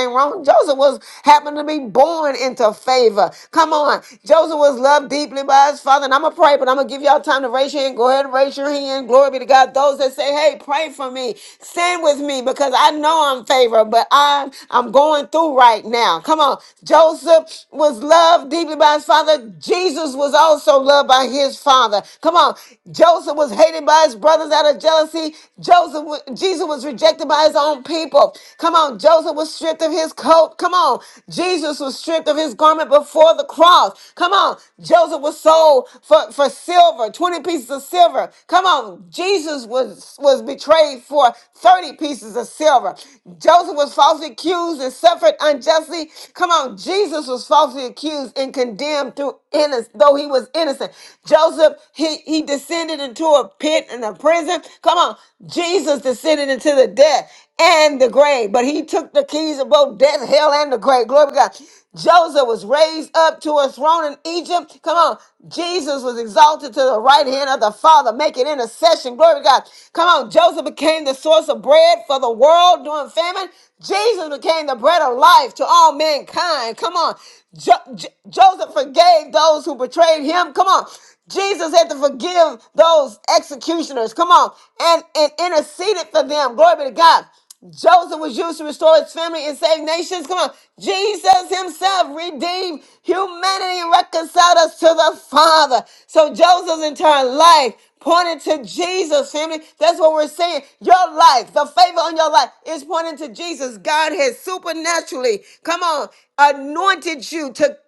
Joseph was happened to be born into favor. Come on. Joseph was loved deeply by his father. And I'm going to pray, but I'm going to give y'all time to raise your hand. Go ahead and raise your hand. Glory be to God. Those that say, hey, pray for me. Stand with me because I know I'm favored, but I'm, I'm going through right now. Come on. Joseph was loved deeply by his father. Jesus was also loved by his father. Come on. Joseph was hated by by his brothers out of jealousy. Joseph, wa- Jesus was rejected by his own people. Come on, Joseph was stripped of his coat. Come on, Jesus was stripped of his garment before the cross. Come on, Joseph was sold for, for silver, 20 pieces of silver. Come on, Jesus was, was betrayed for 30 pieces of silver. Joseph was falsely accused and suffered unjustly. Come on, Jesus was falsely accused and condemned through innocence innocent, though he was innocent. Joseph, he, he descended into a pit and a prison. Come on. Jesus descended into the death and the grave, but he took the keys of both death, hell, and the grave. Glory to God. Joseph was raised up to a throne in Egypt. Come on. Jesus was exalted to the right hand of the Father, making intercession. Glory to God. Come on. Joseph became the source of bread for the world during famine. Jesus became the bread of life life to all mankind. Come on. Jo- Jo- Joseph forgave those who betrayed him. Come on. Jesus had to forgive those executioners. Come on. And, and interceded for them. Glory be to God. Joseph was used to restore his family and save nations. Come on. Jesus himself redeemed humanity and reconciled us to the Father. So Joseph's entire life pointed to Jesus, family. That's what we're saying. Your life life, the favor on your life is pointing to Jesus. God has supernaturally, come on, anointed you to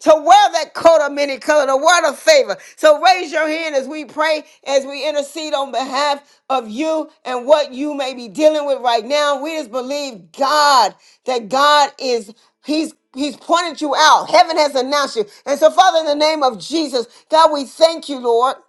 to wear that coat of many color, the word of favor. So raise your hand as we pray, as we intercede on behalf of you and what you may be dealing with right now. We just believe God that God is He's He's pointed you out. Heaven has announced you. And so, Father, in the name of Jesus, God, we thank you, Lord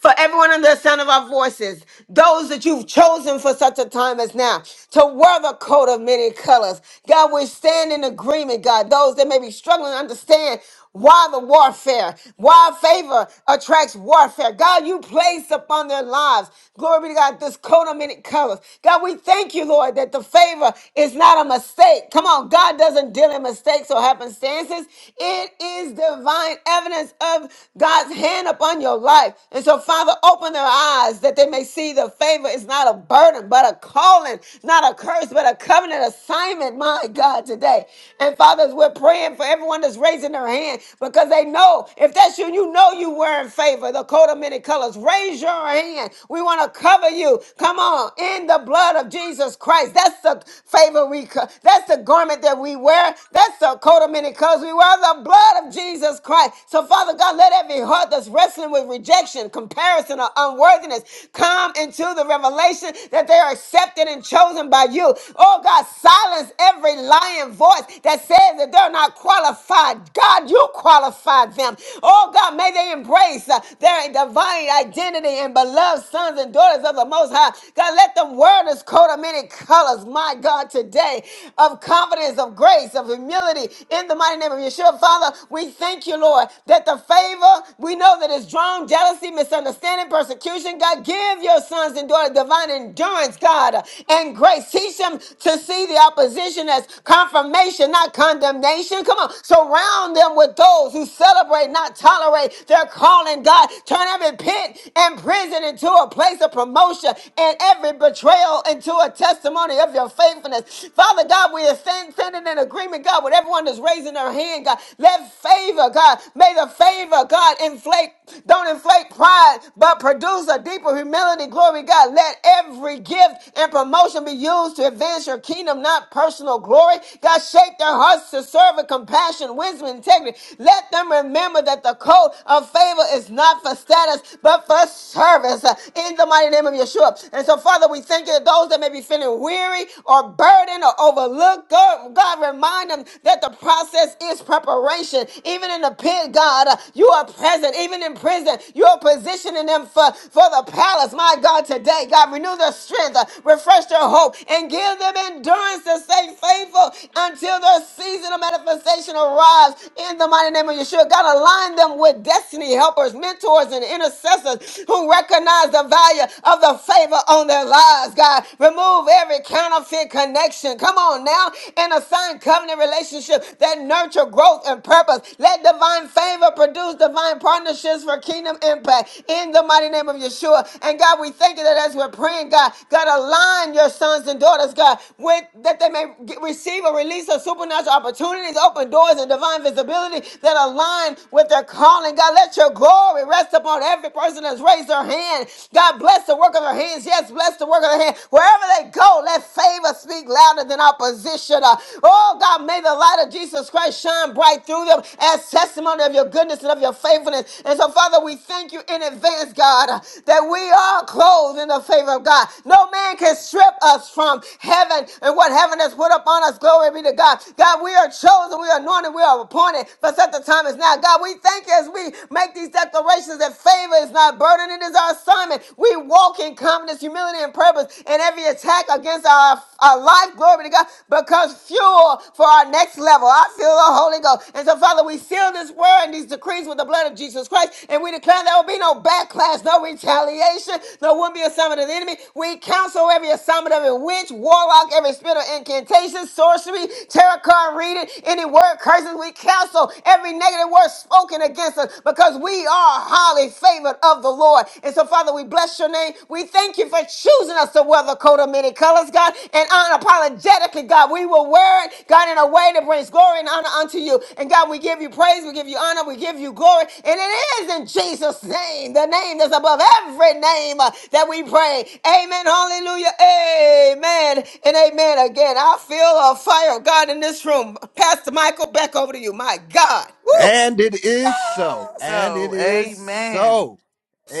for everyone under the sound of our voices, those that you've chosen for such a time as now, to wear the coat of many colors. God, we stand in agreement, God, those that may be struggling to understand why the warfare, why favor attracts warfare. God, you place upon their lives, glory be to God, this coat of many colors. God, we thank you, Lord, that the favor is not a mistake. Come on, God doesn't deal in mistakes or happenstances. It is divine evidence of God's. God's hand upon your life. And so, Father, open their eyes that they may see the favor is not a burden, but a calling, not a curse, but a covenant assignment, my God, today. And fathers, we're praying for everyone that's raising their hand because they know if that's you, you know you were in favor. The coat of many colors. Raise your hand. We want to cover you. Come on, in the blood of Jesus Christ. That's the favor we. Co- that's the garment that we wear. That's the coat of many colors we wear. The blood of Jesus. Jesus Christ. So, Father God, let every heart that's wrestling with rejection, comparison, or unworthiness come into the revelation that they are accepted and chosen by you. Oh God, silence every lying voice that says that they're not qualified. God, you qualified them. Oh God, may they embrace uh, their divine identity and beloved sons and daughters of the Most High. God, let the word is coat of many colors, my God, today of confidence, of grace, of humility in the the mighty name of Yeshua, Father, we thank you, Lord, that the favor we know that is drawn, jealousy, misunderstanding, persecution. God, give your sons and daughters divine endurance, God, and grace. Teach them to see the opposition as confirmation, not condemnation. Come on, surround them with those who celebrate, not tolerate their calling. God, turn every pit and prison into a place of promotion and every betrayal into a testimony of your faithfulness. Father God, we are thankful standing in agreement, God, with everyone that's raising their hand, God. Let favor, God, may the favor, God, inflate, don't inflate pride, but produce a deeper humility. Glory, God. Let every gift and promotion be used to advance your kingdom, not personal glory. God, shape their hearts to serve with compassion, wisdom, and integrity. Let them remember that the code of favor is not for status, but for service. uh, In the mighty name of Yeshua. And so, Father, we thank you that those that may be feeling weary, or are burdened or overlooked, God, God, remind them that the process is preparation. Even in the pit, God, uh, you are present. Even in prison, you are positioning them for, for the palace. My God, today, God, renew their strength, uh, refresh their hope, and give them endurance to stay faithful until their season of manifestation arrives. In the mighty name of Yeshua, God, align them with destiny helpers, mentors, and intercessors who recognize the value of the favor on their lives, God. God. Remove every counterfeit connection. Come on now and assign covenant relationship that nurture growth and purpose. Let divine favor produce divine partnerships for kingdom impact in the mighty name of Yeshua. And God, we thank you that as we're praying, God, God, align your sons and daughters, God, with that they may get, receive or release of supernatural opportunities, open doors, and divine visibility that align with their calling. God, let your glory rest upon every person that's raised their hand. God, bless the work of their hands. Yes, bless the work of their hand. Wherever they go, let favor speak louder than opposition. Uh, Oh God, may the light of Jesus Christ shine bright through them as testimony of your goodness and of your faithfulness. And so, Father, we thank you in advance, God, uh, that we are clothed in the favor of God. No man can strip us from heaven and what heaven has put upon us. Glory be to God. God, we are chosen, we are anointed, we are appointed for such a time as now. God, we thank you as we make these declarations that favor is not burden burden. It is our assignment. We walk in confidence, humility, and purpose. And every attack against our, our life, glory to God, becomes fuel for our next level. I feel the Holy Ghost. And so, Father, we seal this word and these decrees with the blood of Jesus Christ. And we declare there will be no backlash, no retaliation, no will be assignment of the enemy. We counsel every assignment of a witch, warlock, every spirit of incantation, sorcery, tarot card reading, any word curses. We counsel every negative word spoken against us because we we are highly favored of the Lord. And so, Father, we bless your name. We thank you for choosing us to wear the coat of many colors, God. And unapologetically, God, we will wear it, God, in a way that brings glory and honor unto you. And God, we give you praise, we give you honor, we give you glory. And it is in Jesus' name, the name that's above every name uh, that we pray. Amen. Hallelujah. Amen. And amen again. I feel a fire of God in this room. Pastor Michael, back over to you. My God. Woo.
And it is so. And it
Oh,
is
amen.
so.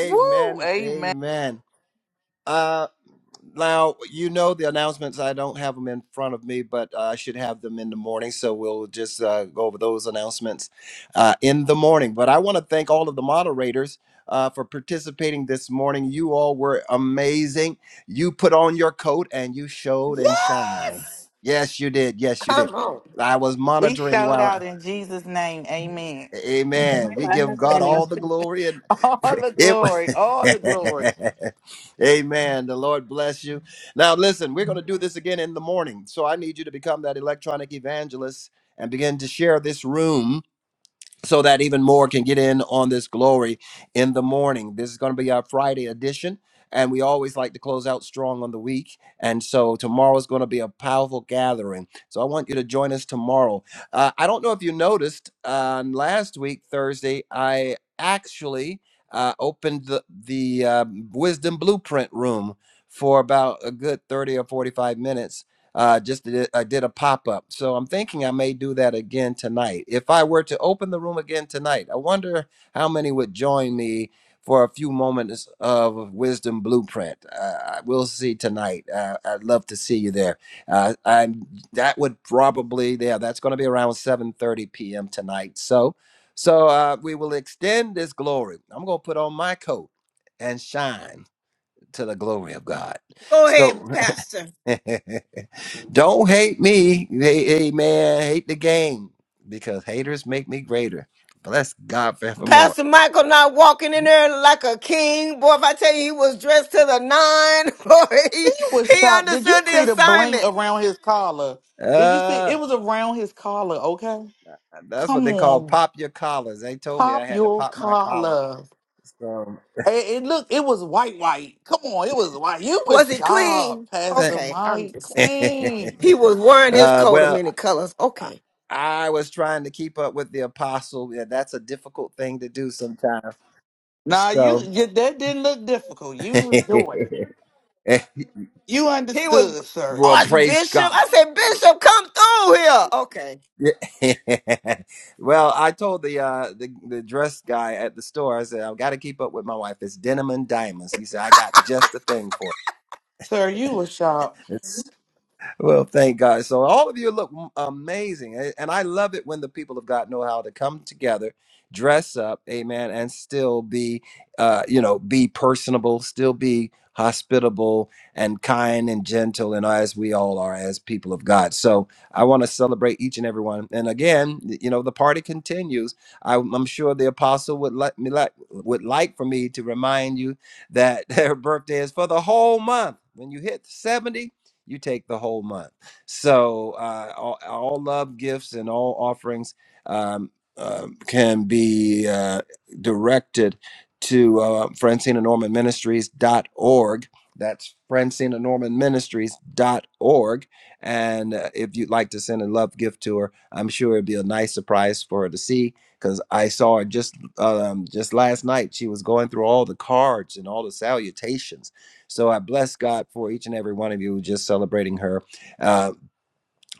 Woo, amen.
Amen. Uh, Now, you know the announcements. I don't have them in front of me, but uh, I should have them in the morning. So we'll just uh, go over those announcements uh, in the morning. But I want to thank all of the moderators uh, for participating this morning. You all were amazing. You put on your coat and you showed and
Yeah.
shine. Yes, you did. Yes, you did.
Come on.
I was
We
monitoring
showed
while
out in Jesus' name. Amen.
Pastor
Amen. We
Michael, I
give
have the
God all the
announcements.
glory and
All the
it.
glory. All the glory.
Amen. The Lord bless you. Now, listen, we're going to do this again in the morning. So I need you to become that electronic evangelist and begin to share this room so that even more can get in on this glory in the morning. This is going to be our Friday edition. And we always like to close out strong on the week. And so tomorrow is going to be a powerful gathering. So I want you to join us tomorrow. Uh, I don't know if you noticed on last week, Thursday, I actually uh, opened the, the uh, Wisdom Blueprint room for about a good 30 or 45 minutes uh, just did, I did a pop up. So I'm thinking I may do that again tonight. If I were to open the room again tonight, I wonder how many would join me for a few moments of wisdom blueprint. Uh, we'll see tonight. Uh, I'd love to see you there. Uh, I'm that would probably yeah, that's going to be around 7:30 p.m. tonight. So, so uh, we will extend this glory. I'm going to put on my coat and shine to the glory of God.
Go
So
ahead, Pastor.
Don't hate me. Hey, hey, man, hate the game because haters make me greater. Bless God forevermore.
Pastor Michael not walking in there like a king. Boy, if I tell you he was dressed to the nine, boy, he,
He was
he
shocked. Did you
understood the
see the bling
assignment.
around his collar? Did you see?
Uh,
It was around his collar, okay?
that's what
Come
they call
on.
pop your collars. They told me
Pop
I had to
your
pop my collar.
collar.
So,
It, it look, it was white, white. Come on, it was white. You was
Was he
sharp,
clean?
uh,
Pastor
Okay, I'm
Mike.
just saying.
Clean.
He was wearing his coat of
well,
many colors.
I,
Okay.
I was trying to keep up with the apostle. Yeah, that's a difficult thing to do sometimes.
Nah, you,
So,
you that didn't look difficult. You was doing it. You
He was
understood, sir.
well, praise
Archbishop.
God.
I said, Bishop, come through here. Okay.
Yeah. well, I told the uh the, the dress guy at the store, I said, I've got to keep up with my wife. It's denim and diamonds. He said, I got just the thing for
Sir, you were sharp.
it. Well, thank God. So all of you look m- amazing, a- and I love it when the people of God know how to come together, dress up, amen, and still be, uh, you know, be personable, still be hospitable and kind and gentle, and as we all are as people of God. So I want to celebrate each and every one. And again, y- you know, the party continues. I, I'm sure the apostle would like me like would like for me to remind you that their birthday is for the whole month. When you hit 70, you take the whole month. So uh, all, all love gifts and all offerings um, um can be uh, directed to uh, Francina Norman Ministries.org. That's Francina Norman Ministries.org. And uh, if you'd like to send a love gift to her, I'm sure it'd be a nice surprise for her to see because I saw her just um, just last night. She was going through all the cards and all the salutations so I bless God for each and every one of you just celebrating her. Uh,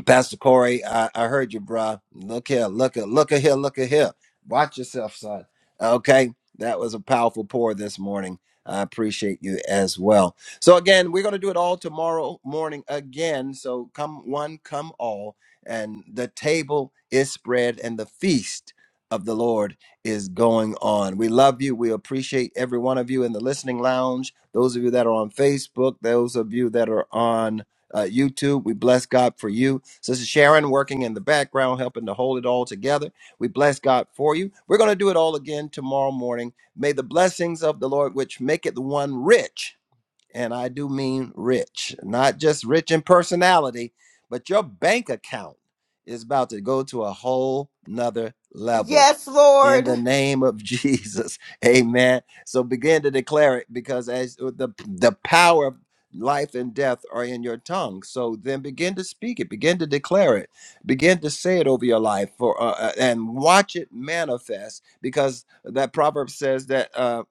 Pastor Corey, I, I heard you, bruh. Look here, look at, look at here, look at here. Watch yourself, son. Okay, that was a powerful pour this morning. I appreciate you as well. So again, we're going to do it all tomorrow morning again. So come one, come all, and the table is spread, and the feast of the Lord is going on. We love you. We appreciate every one of you in the listening lounge. Those of you that are on Facebook. Those of you that are on uh, YouTube. We bless God for you. Sister Sharon working in the background, helping to hold it all together. We bless God for you. We're going to do it all again tomorrow morning. May the blessings of the Lord, which maketh one rich and I do mean rich, not just rich in personality, but your bank account is about to go to a whole nother level.
Yes,
In
Lord.
the name of Jesus, amen. So begin to declare it because as uh, the, the power of life and death are in your tongue. So then begin to speak it, begin to declare it, begin to say it over your life for, uh, uh, and watch it manifest because that proverb says that, uh,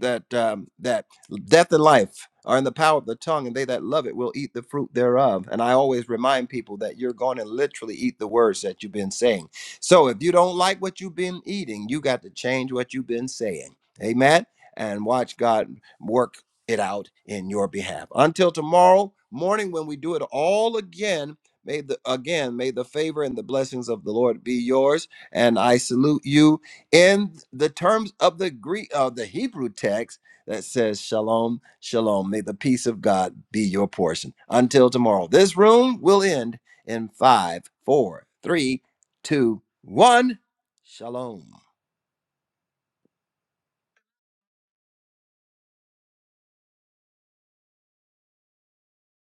that, um, that Death and life are in the power of the tongue, and they that love it will eat the fruit thereof. And I always remind people that you're going to literally eat the words that you've been saying. So if you don't like what you've been eating, you got to change what you've been saying. Amen. And watch God work it out in your behalf. Until tomorrow morning, when we do it all again, may the again may the favor and the blessings of the Lord be yours. And I salute you in the terms of the Greek of the Hebrew text that says, Shalom, Shalom. May the peace of God be your portion. Until tomorrow, this room will end in five, four, three, two, one. Shalom.